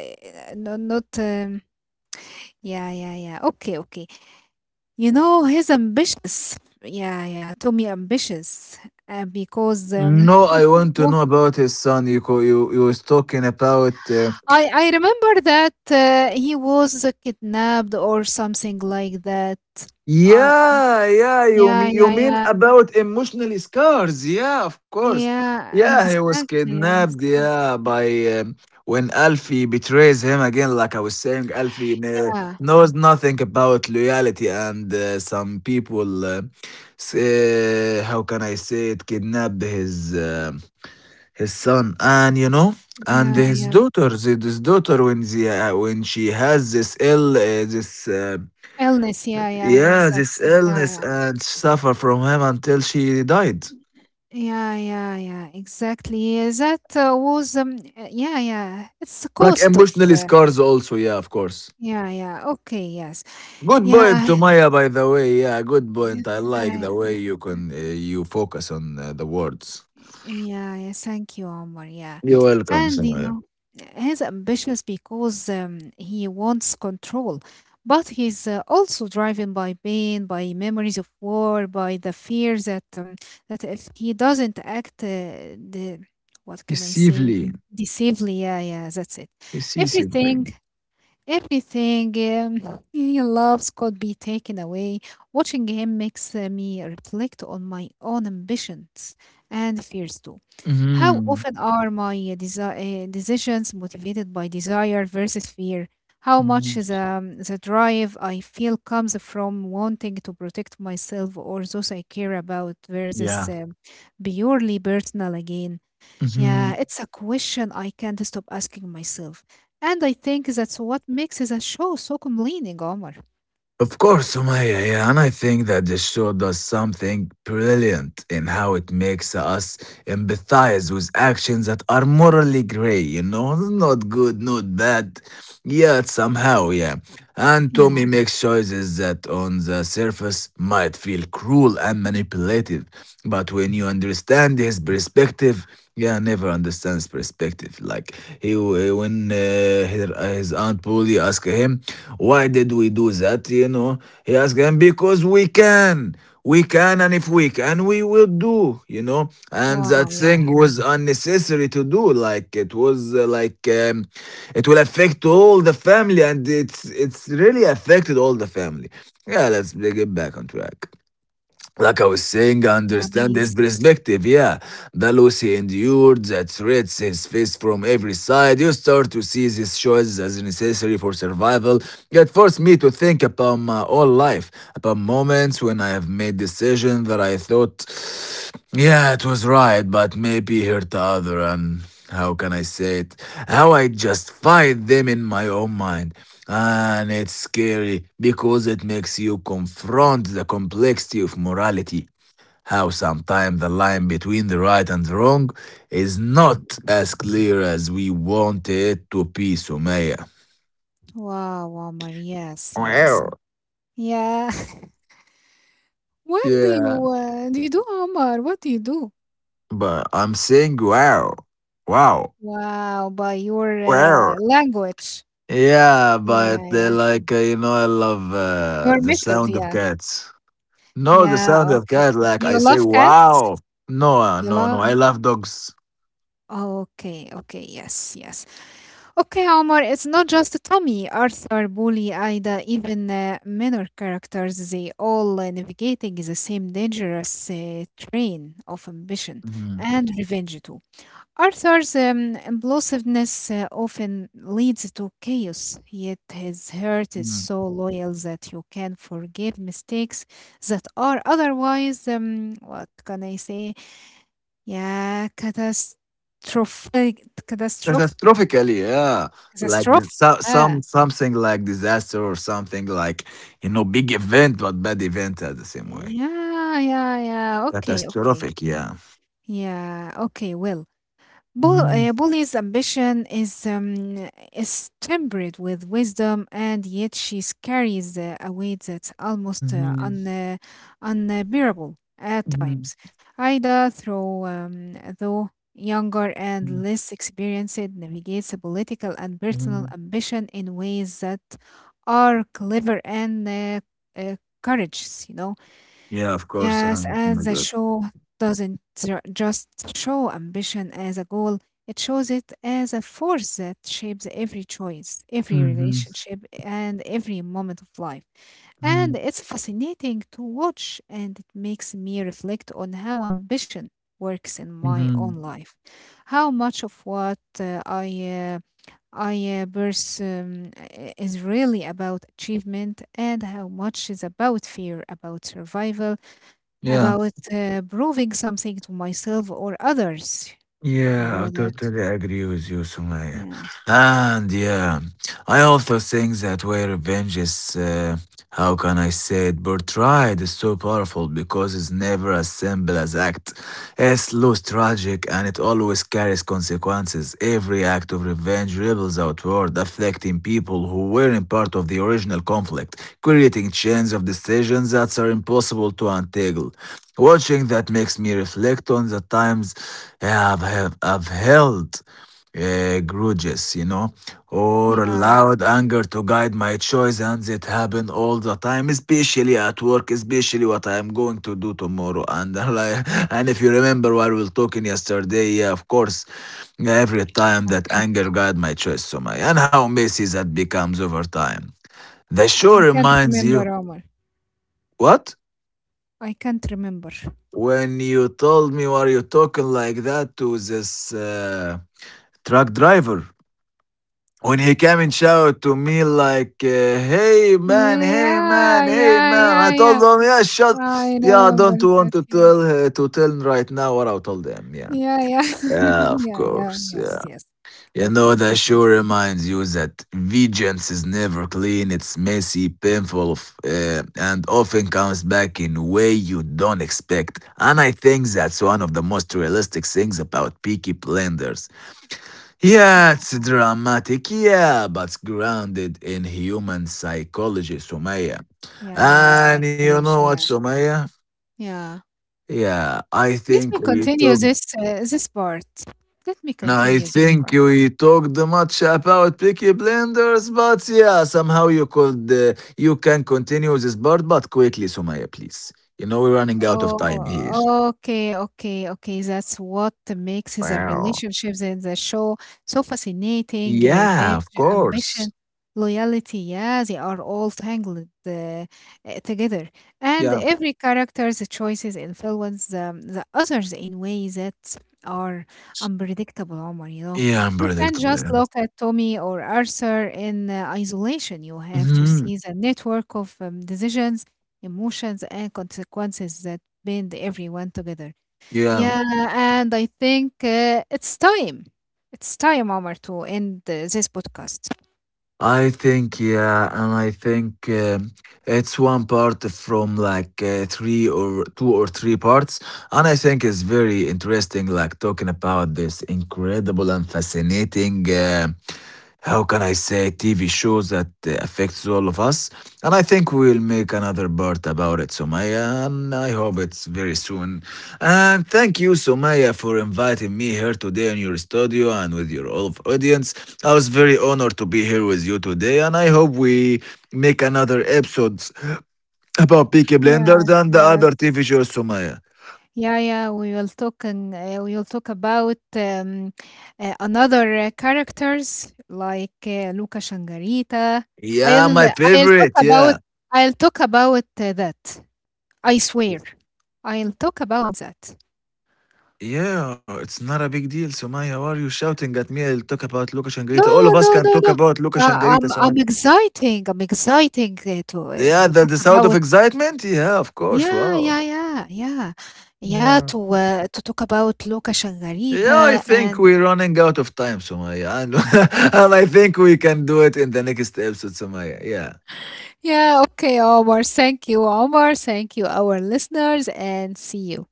Speaker 1: no, not. Um, yeah, yeah, yeah. Okay, okay. You know he's ambitious. Yeah, yeah. Tommy ambitious uh, because um,
Speaker 2: No, I want to
Speaker 1: wh-
Speaker 2: know about his son. You co- you you was talking about uh,
Speaker 1: I I remember that uh, he was uh, kidnapped or something like that.
Speaker 2: yeah, yeah, you
Speaker 1: Yeah,
Speaker 2: mean, you
Speaker 1: yeah,
Speaker 2: mean
Speaker 1: yeah.
Speaker 2: about emotional scars? Yeah, of course.
Speaker 1: Yeah,
Speaker 2: Yeah, he was
Speaker 1: exactly.
Speaker 2: kidnapped.
Speaker 1: Yes.
Speaker 2: Yeah, by um, when Alfie betrays him again. Like I was saying, Alfie kn-
Speaker 1: Yeah.
Speaker 2: knows nothing about loyalty, and uh, some people, uh, s- uh, how can I say it, kidnapped his. Um, his son, and you know and
Speaker 1: Yeah,
Speaker 2: his
Speaker 1: yeah.
Speaker 2: daughter, the- this daughter, when the uh, when she has this ill uh, this uh,
Speaker 1: Illness. Yeah, yeah,
Speaker 2: yeah this
Speaker 1: exactly. Yeah,
Speaker 2: illness
Speaker 1: yeah.
Speaker 2: and suffer from him until she died.
Speaker 1: Yeah, yeah, yeah, exactly. Yeah, that uh, was, um, uh, yeah, yeah. It's the
Speaker 2: Like
Speaker 1: cost of,
Speaker 2: emotionally
Speaker 1: uh,
Speaker 2: scars also, yeah, of course.
Speaker 1: yeah, yeah. Okay, yes.
Speaker 2: Good point
Speaker 1: Yeah.
Speaker 2: to Maya, by the way. Yeah, good
Speaker 1: yeah,
Speaker 2: point. I like the way
Speaker 1: uh,
Speaker 2: you can uh, you focus on uh, the words.
Speaker 1: yeah, yeah, thank you, Omar. Yeah.
Speaker 2: You're welcome,
Speaker 1: And you
Speaker 2: Sumaya.
Speaker 1: know, he's ambitious because um, he wants control, but he's uh, also driven by pain, by memories of war, by the fear that um, that if he doesn't act, uh, the what can I say?
Speaker 2: Decisively.
Speaker 1: Decisively, yeah, yeah, that's it.
Speaker 2: Decisively.
Speaker 1: Everything Everything um, he loves could be taken away. Watching him makes uh, me reflect on my own ambitions and fears too. How
Speaker 2: Mhm.
Speaker 1: often are my desi- uh, decisions motivated by desire versus fear? How much
Speaker 2: Mhm.
Speaker 1: is um, the drive I feel comes from wanting to protect myself or those I care about versus
Speaker 2: Yeah.
Speaker 1: um, purely personal again? Yeah,
Speaker 2: Mhm.
Speaker 1: it's a question I can't stop asking myself. And I think that's what makes the show so compelling, Omar.
Speaker 2: Of course, Sumaya, yeah, and I think that the show does something brilliant in how it makes us empathize with actions that are morally grey, you know, not good, not bad. Yet somehow, yeah. And
Speaker 1: Yeah.
Speaker 2: Tommy makes choices that on the surface might feel cruel and manipulative. But when you understand his perspective, yeah, I never understands perspective. Like he, when uh, his, his aunt Polly asked him, "Why did we do that?" You know, he asked him because we can, we can, and if we can, we will do. You know, and
Speaker 1: Wow,
Speaker 2: that
Speaker 1: yeah.
Speaker 2: thing was unnecessary to do. Like it was uh, like um, it will affect all the family, and it's it's really affected all the family. Yeah, let's get back on track. Like I was saying, I
Speaker 1: Yeah,
Speaker 2: understand his
Speaker 1: please.
Speaker 2: perspective. Yeah, the Lucy endured that threats his face from every side. You start to see these choices as necessary for survival. It forced me to think about my own life, about moments when I have made decisions that I thought, yeah, it was right, but maybe hurt the other. And how can I say it? How I justify them in my own mind. And it's scary because it makes you confront the complexity of morality. How sometimes the line between the right and the wrong is not as clear as we want it to be, Sumaya.
Speaker 1: Wow, Omar. Yes, yes.
Speaker 2: Well,
Speaker 1: Yeah. What do
Speaker 2: yeah.
Speaker 1: you uh, do you do, Omar? What do you do?
Speaker 2: But I'm saying wow. Wow.
Speaker 1: Wow, by your
Speaker 2: Wow.
Speaker 1: uh, language.
Speaker 2: Yeah,
Speaker 1: Yeah,
Speaker 2: but
Speaker 1: yeah,
Speaker 2: uh,
Speaker 1: yeah.
Speaker 2: like uh, you know, I love uh,
Speaker 1: Your
Speaker 2: the
Speaker 1: method,
Speaker 2: sound of
Speaker 1: yeah.
Speaker 2: cats. No, the sound
Speaker 1: Yeah,
Speaker 2: of
Speaker 1: okay.
Speaker 2: cats. Like I
Speaker 1: You
Speaker 2: say,
Speaker 1: love cats?
Speaker 2: wow. No, uh,
Speaker 1: You
Speaker 2: no, no.
Speaker 1: love
Speaker 2: I love dogs.
Speaker 1: okay, okay, yes, yes. Okay, Omar, it's not just Tommy, Arthur, Bully, Ida, even uh, minor characters, they all uh, navigating the same dangerous uh, train of ambition
Speaker 2: Mm-hmm.
Speaker 1: and revenge too. Arthur's um, impulsiveness uh, often leads to chaos, yet his heart is
Speaker 2: Mm.
Speaker 1: so loyal that you can forgive mistakes that are otherwise, um, what can I say, ya, catastrophic catastrophic
Speaker 2: Catastrophically, yeah, like Mm.
Speaker 1: catastrophic,
Speaker 2: so,
Speaker 1: yeah.
Speaker 2: some something like disaster or something like, you know, big event but bad event at the same way.
Speaker 1: Yeah, yeah, yeah. Okay, okay.
Speaker 2: Catastrophic, yeah.
Speaker 1: Yeah, okay, well, Bull,
Speaker 2: Mm,
Speaker 1: uh, Bully's ambition is, um, is tempered with wisdom, and yet she carries uh, a weight that's almost uh,
Speaker 2: mhm,
Speaker 1: un, uh, unbearable at
Speaker 2: mhm,
Speaker 1: times. Ida, though, um, though younger and
Speaker 2: mhm,
Speaker 1: less experienced, navigates a political and personal
Speaker 2: mhm.
Speaker 1: ambition in ways that are clever and uh, uh, courageous, you know.
Speaker 2: Yeah, of course.
Speaker 1: Yes,
Speaker 2: Um,
Speaker 1: and the show doesn't ju- just show ambition as a goal, it shows it as a force that shapes every choice, every
Speaker 2: Mhm,
Speaker 1: relationship, and every moment of life.
Speaker 2: mhm,
Speaker 1: And it's fascinating to watch, and it makes me reflect on how ambition works in my
Speaker 2: mhm.
Speaker 1: own life. How much of what uh, I uh, I uh, pers- um, i- is really about achievement, and how much is about fear, about survival,
Speaker 2: Yeah,
Speaker 1: about uh, proving something to myself or others. You
Speaker 2: yeah, I
Speaker 1: know that?
Speaker 2: totally agree with you, Sumaya.
Speaker 1: Yeah.
Speaker 2: And yeah. I also think that way revenge is, uh, how can I say it, portrayed is so powerful because it's never as simple as act. It's loose, tragic, and it always carries consequences. Every act of revenge ripples outward, affecting people who weren't part of the original conflict, creating chains of decisions that are impossible to untangle. Watching that makes me reflect on the times I've, have, I've held uh, grudges, you know, or
Speaker 1: Yeah.
Speaker 2: allowed anger to guide my choice, and it happen all the time, especially at work, especially what I am going to do tomorrow. And like, and if you remember what we were talking yesterday, yeah, of course, every time
Speaker 1: I
Speaker 2: that anger guide my choice, so my and how messy that becomes over time. The show
Speaker 1: I can't
Speaker 2: reminds you
Speaker 1: remember, Omar.
Speaker 2: what
Speaker 1: I can't remember.
Speaker 2: when you told me why you talking like that to this uh, truck driver. When he came and shouted to me like, uh, "Hey man, hey man,
Speaker 1: Yeah,
Speaker 2: hey
Speaker 1: yeah,
Speaker 2: man!" I
Speaker 1: yeah,
Speaker 2: told
Speaker 1: yeah.
Speaker 2: him, "Yeah, shut,
Speaker 1: I
Speaker 2: yeah, I
Speaker 1: remember
Speaker 2: don't want
Speaker 1: that.
Speaker 2: to
Speaker 1: Yeah,
Speaker 2: tell uh, to tell right now what I told them." Yeah,
Speaker 1: yeah, yeah,
Speaker 2: yeah, of
Speaker 1: yeah, yeah.
Speaker 2: course,
Speaker 1: Yes,
Speaker 2: yeah.
Speaker 1: yes.
Speaker 2: You know
Speaker 1: Okay,
Speaker 2: that
Speaker 1: continue.
Speaker 2: sure reminds you that vengeance is never clean. It's messy, painful, f- uh, and often comes back in way you don't expect. And I think that's one of the most realistic things about Peaky Blinders. Yeah,
Speaker 1: Yeah,
Speaker 2: it's dramatic, yeah, but grounded in human psychology, Sumaya.
Speaker 1: yeah.
Speaker 2: And you know what,
Speaker 1: Psychology. Yeah,
Speaker 2: Sumaya?
Speaker 1: yeah.
Speaker 2: Yeah, I
Speaker 1: Let me
Speaker 2: think we
Speaker 1: continue
Speaker 2: talked.
Speaker 1: this uh, this part. Let me
Speaker 2: I
Speaker 1: continue this
Speaker 2: think
Speaker 1: part.
Speaker 2: we talked much about Peaky Blinders, but yeah, somehow you could uh, you can continue this part, but quickly, Sumaya, please. You know we're running out of time here.
Speaker 1: Oh, okay, okay, okay. That's what makes the
Speaker 2: Wow.
Speaker 1: relationships in the show so fascinating. Uh, revenge,
Speaker 2: Yeah, of
Speaker 1: ambition,
Speaker 2: course.
Speaker 1: loyalty. Yeah, they are all tangled uh, uh, together. And
Speaker 2: Yeah.
Speaker 1: every character's choices influence the, the others in ways that are unpredictable, Omar, you know.
Speaker 2: Yeah,
Speaker 1: You can not just
Speaker 2: unpredictable.
Speaker 1: look at Tommy or Arthur in uh, isolation. You have to
Speaker 2: Mm-hmm.
Speaker 1: see the network of um, decisions emotions and consequences that bind everyone together.
Speaker 2: Yeah.
Speaker 1: Yeah, and I think uh, it's time. It's time, Omar, to end uh, this podcast.
Speaker 2: I think yeah, and I think um, it's one part from like uh, three or two or three parts, and I think it's very interesting, like talking about this incredible and fascinating. Uh, how can I say T V shows that uh, affects all of us, and I think we'll make another part about it, Somaya, and I hope it's very soon. And thank you, Somaya, for inviting me here today in your studio and with your all of audience. I was very honored to be here with you today, and I hope we make another episodes about Peaky Blinders
Speaker 1: Yes,
Speaker 2: and the
Speaker 1: yes.
Speaker 2: other T V shows, Sumaya.
Speaker 1: Yeah, yeah, we will talking. Uh, we will talk about um, uh, another uh, characters like uh, Luca Shangarita.
Speaker 2: Yeah,
Speaker 1: I'll
Speaker 2: my
Speaker 1: I'll talk
Speaker 2: favorite,
Speaker 1: about
Speaker 2: yeah.
Speaker 1: I'll talk about uh, that. I swear, I'll talk about that.
Speaker 2: Yeah, it's not a big deal, Sumaya. Why are you shouting at me? I'll talk about Lucas and
Speaker 1: No,
Speaker 2: Garita. All of us
Speaker 1: no,
Speaker 2: can
Speaker 1: no,
Speaker 2: talk
Speaker 1: no.
Speaker 2: about Lucas and
Speaker 1: Uh,
Speaker 2: Garita,
Speaker 1: I'm
Speaker 2: Sumaya.
Speaker 1: I'm exciting. I'm exciting uh, to uh,
Speaker 2: Yeah,
Speaker 1: to
Speaker 2: the,
Speaker 1: talk
Speaker 2: the sound of
Speaker 1: about.
Speaker 2: excitement? Yeah, of course,
Speaker 1: Yeah,
Speaker 2: wow.
Speaker 1: yeah, yeah, yeah, yeah.
Speaker 2: Yeah.
Speaker 1: To uh, to talk about Luca
Speaker 2: Yeah, I
Speaker 1: Shangarita
Speaker 2: think
Speaker 1: and
Speaker 2: we're running out of time, Sumaya. And, and I think we can do it in the next episode, Sumaya. Yeah.
Speaker 1: yeah, okay, Omar. Thank you, Omar. Thank you, our listeners, and see you.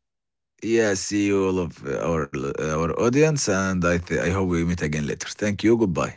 Speaker 2: Yeah, see you all of our our audience, and I th- I hope we meet again later. Thank you. Goodbye.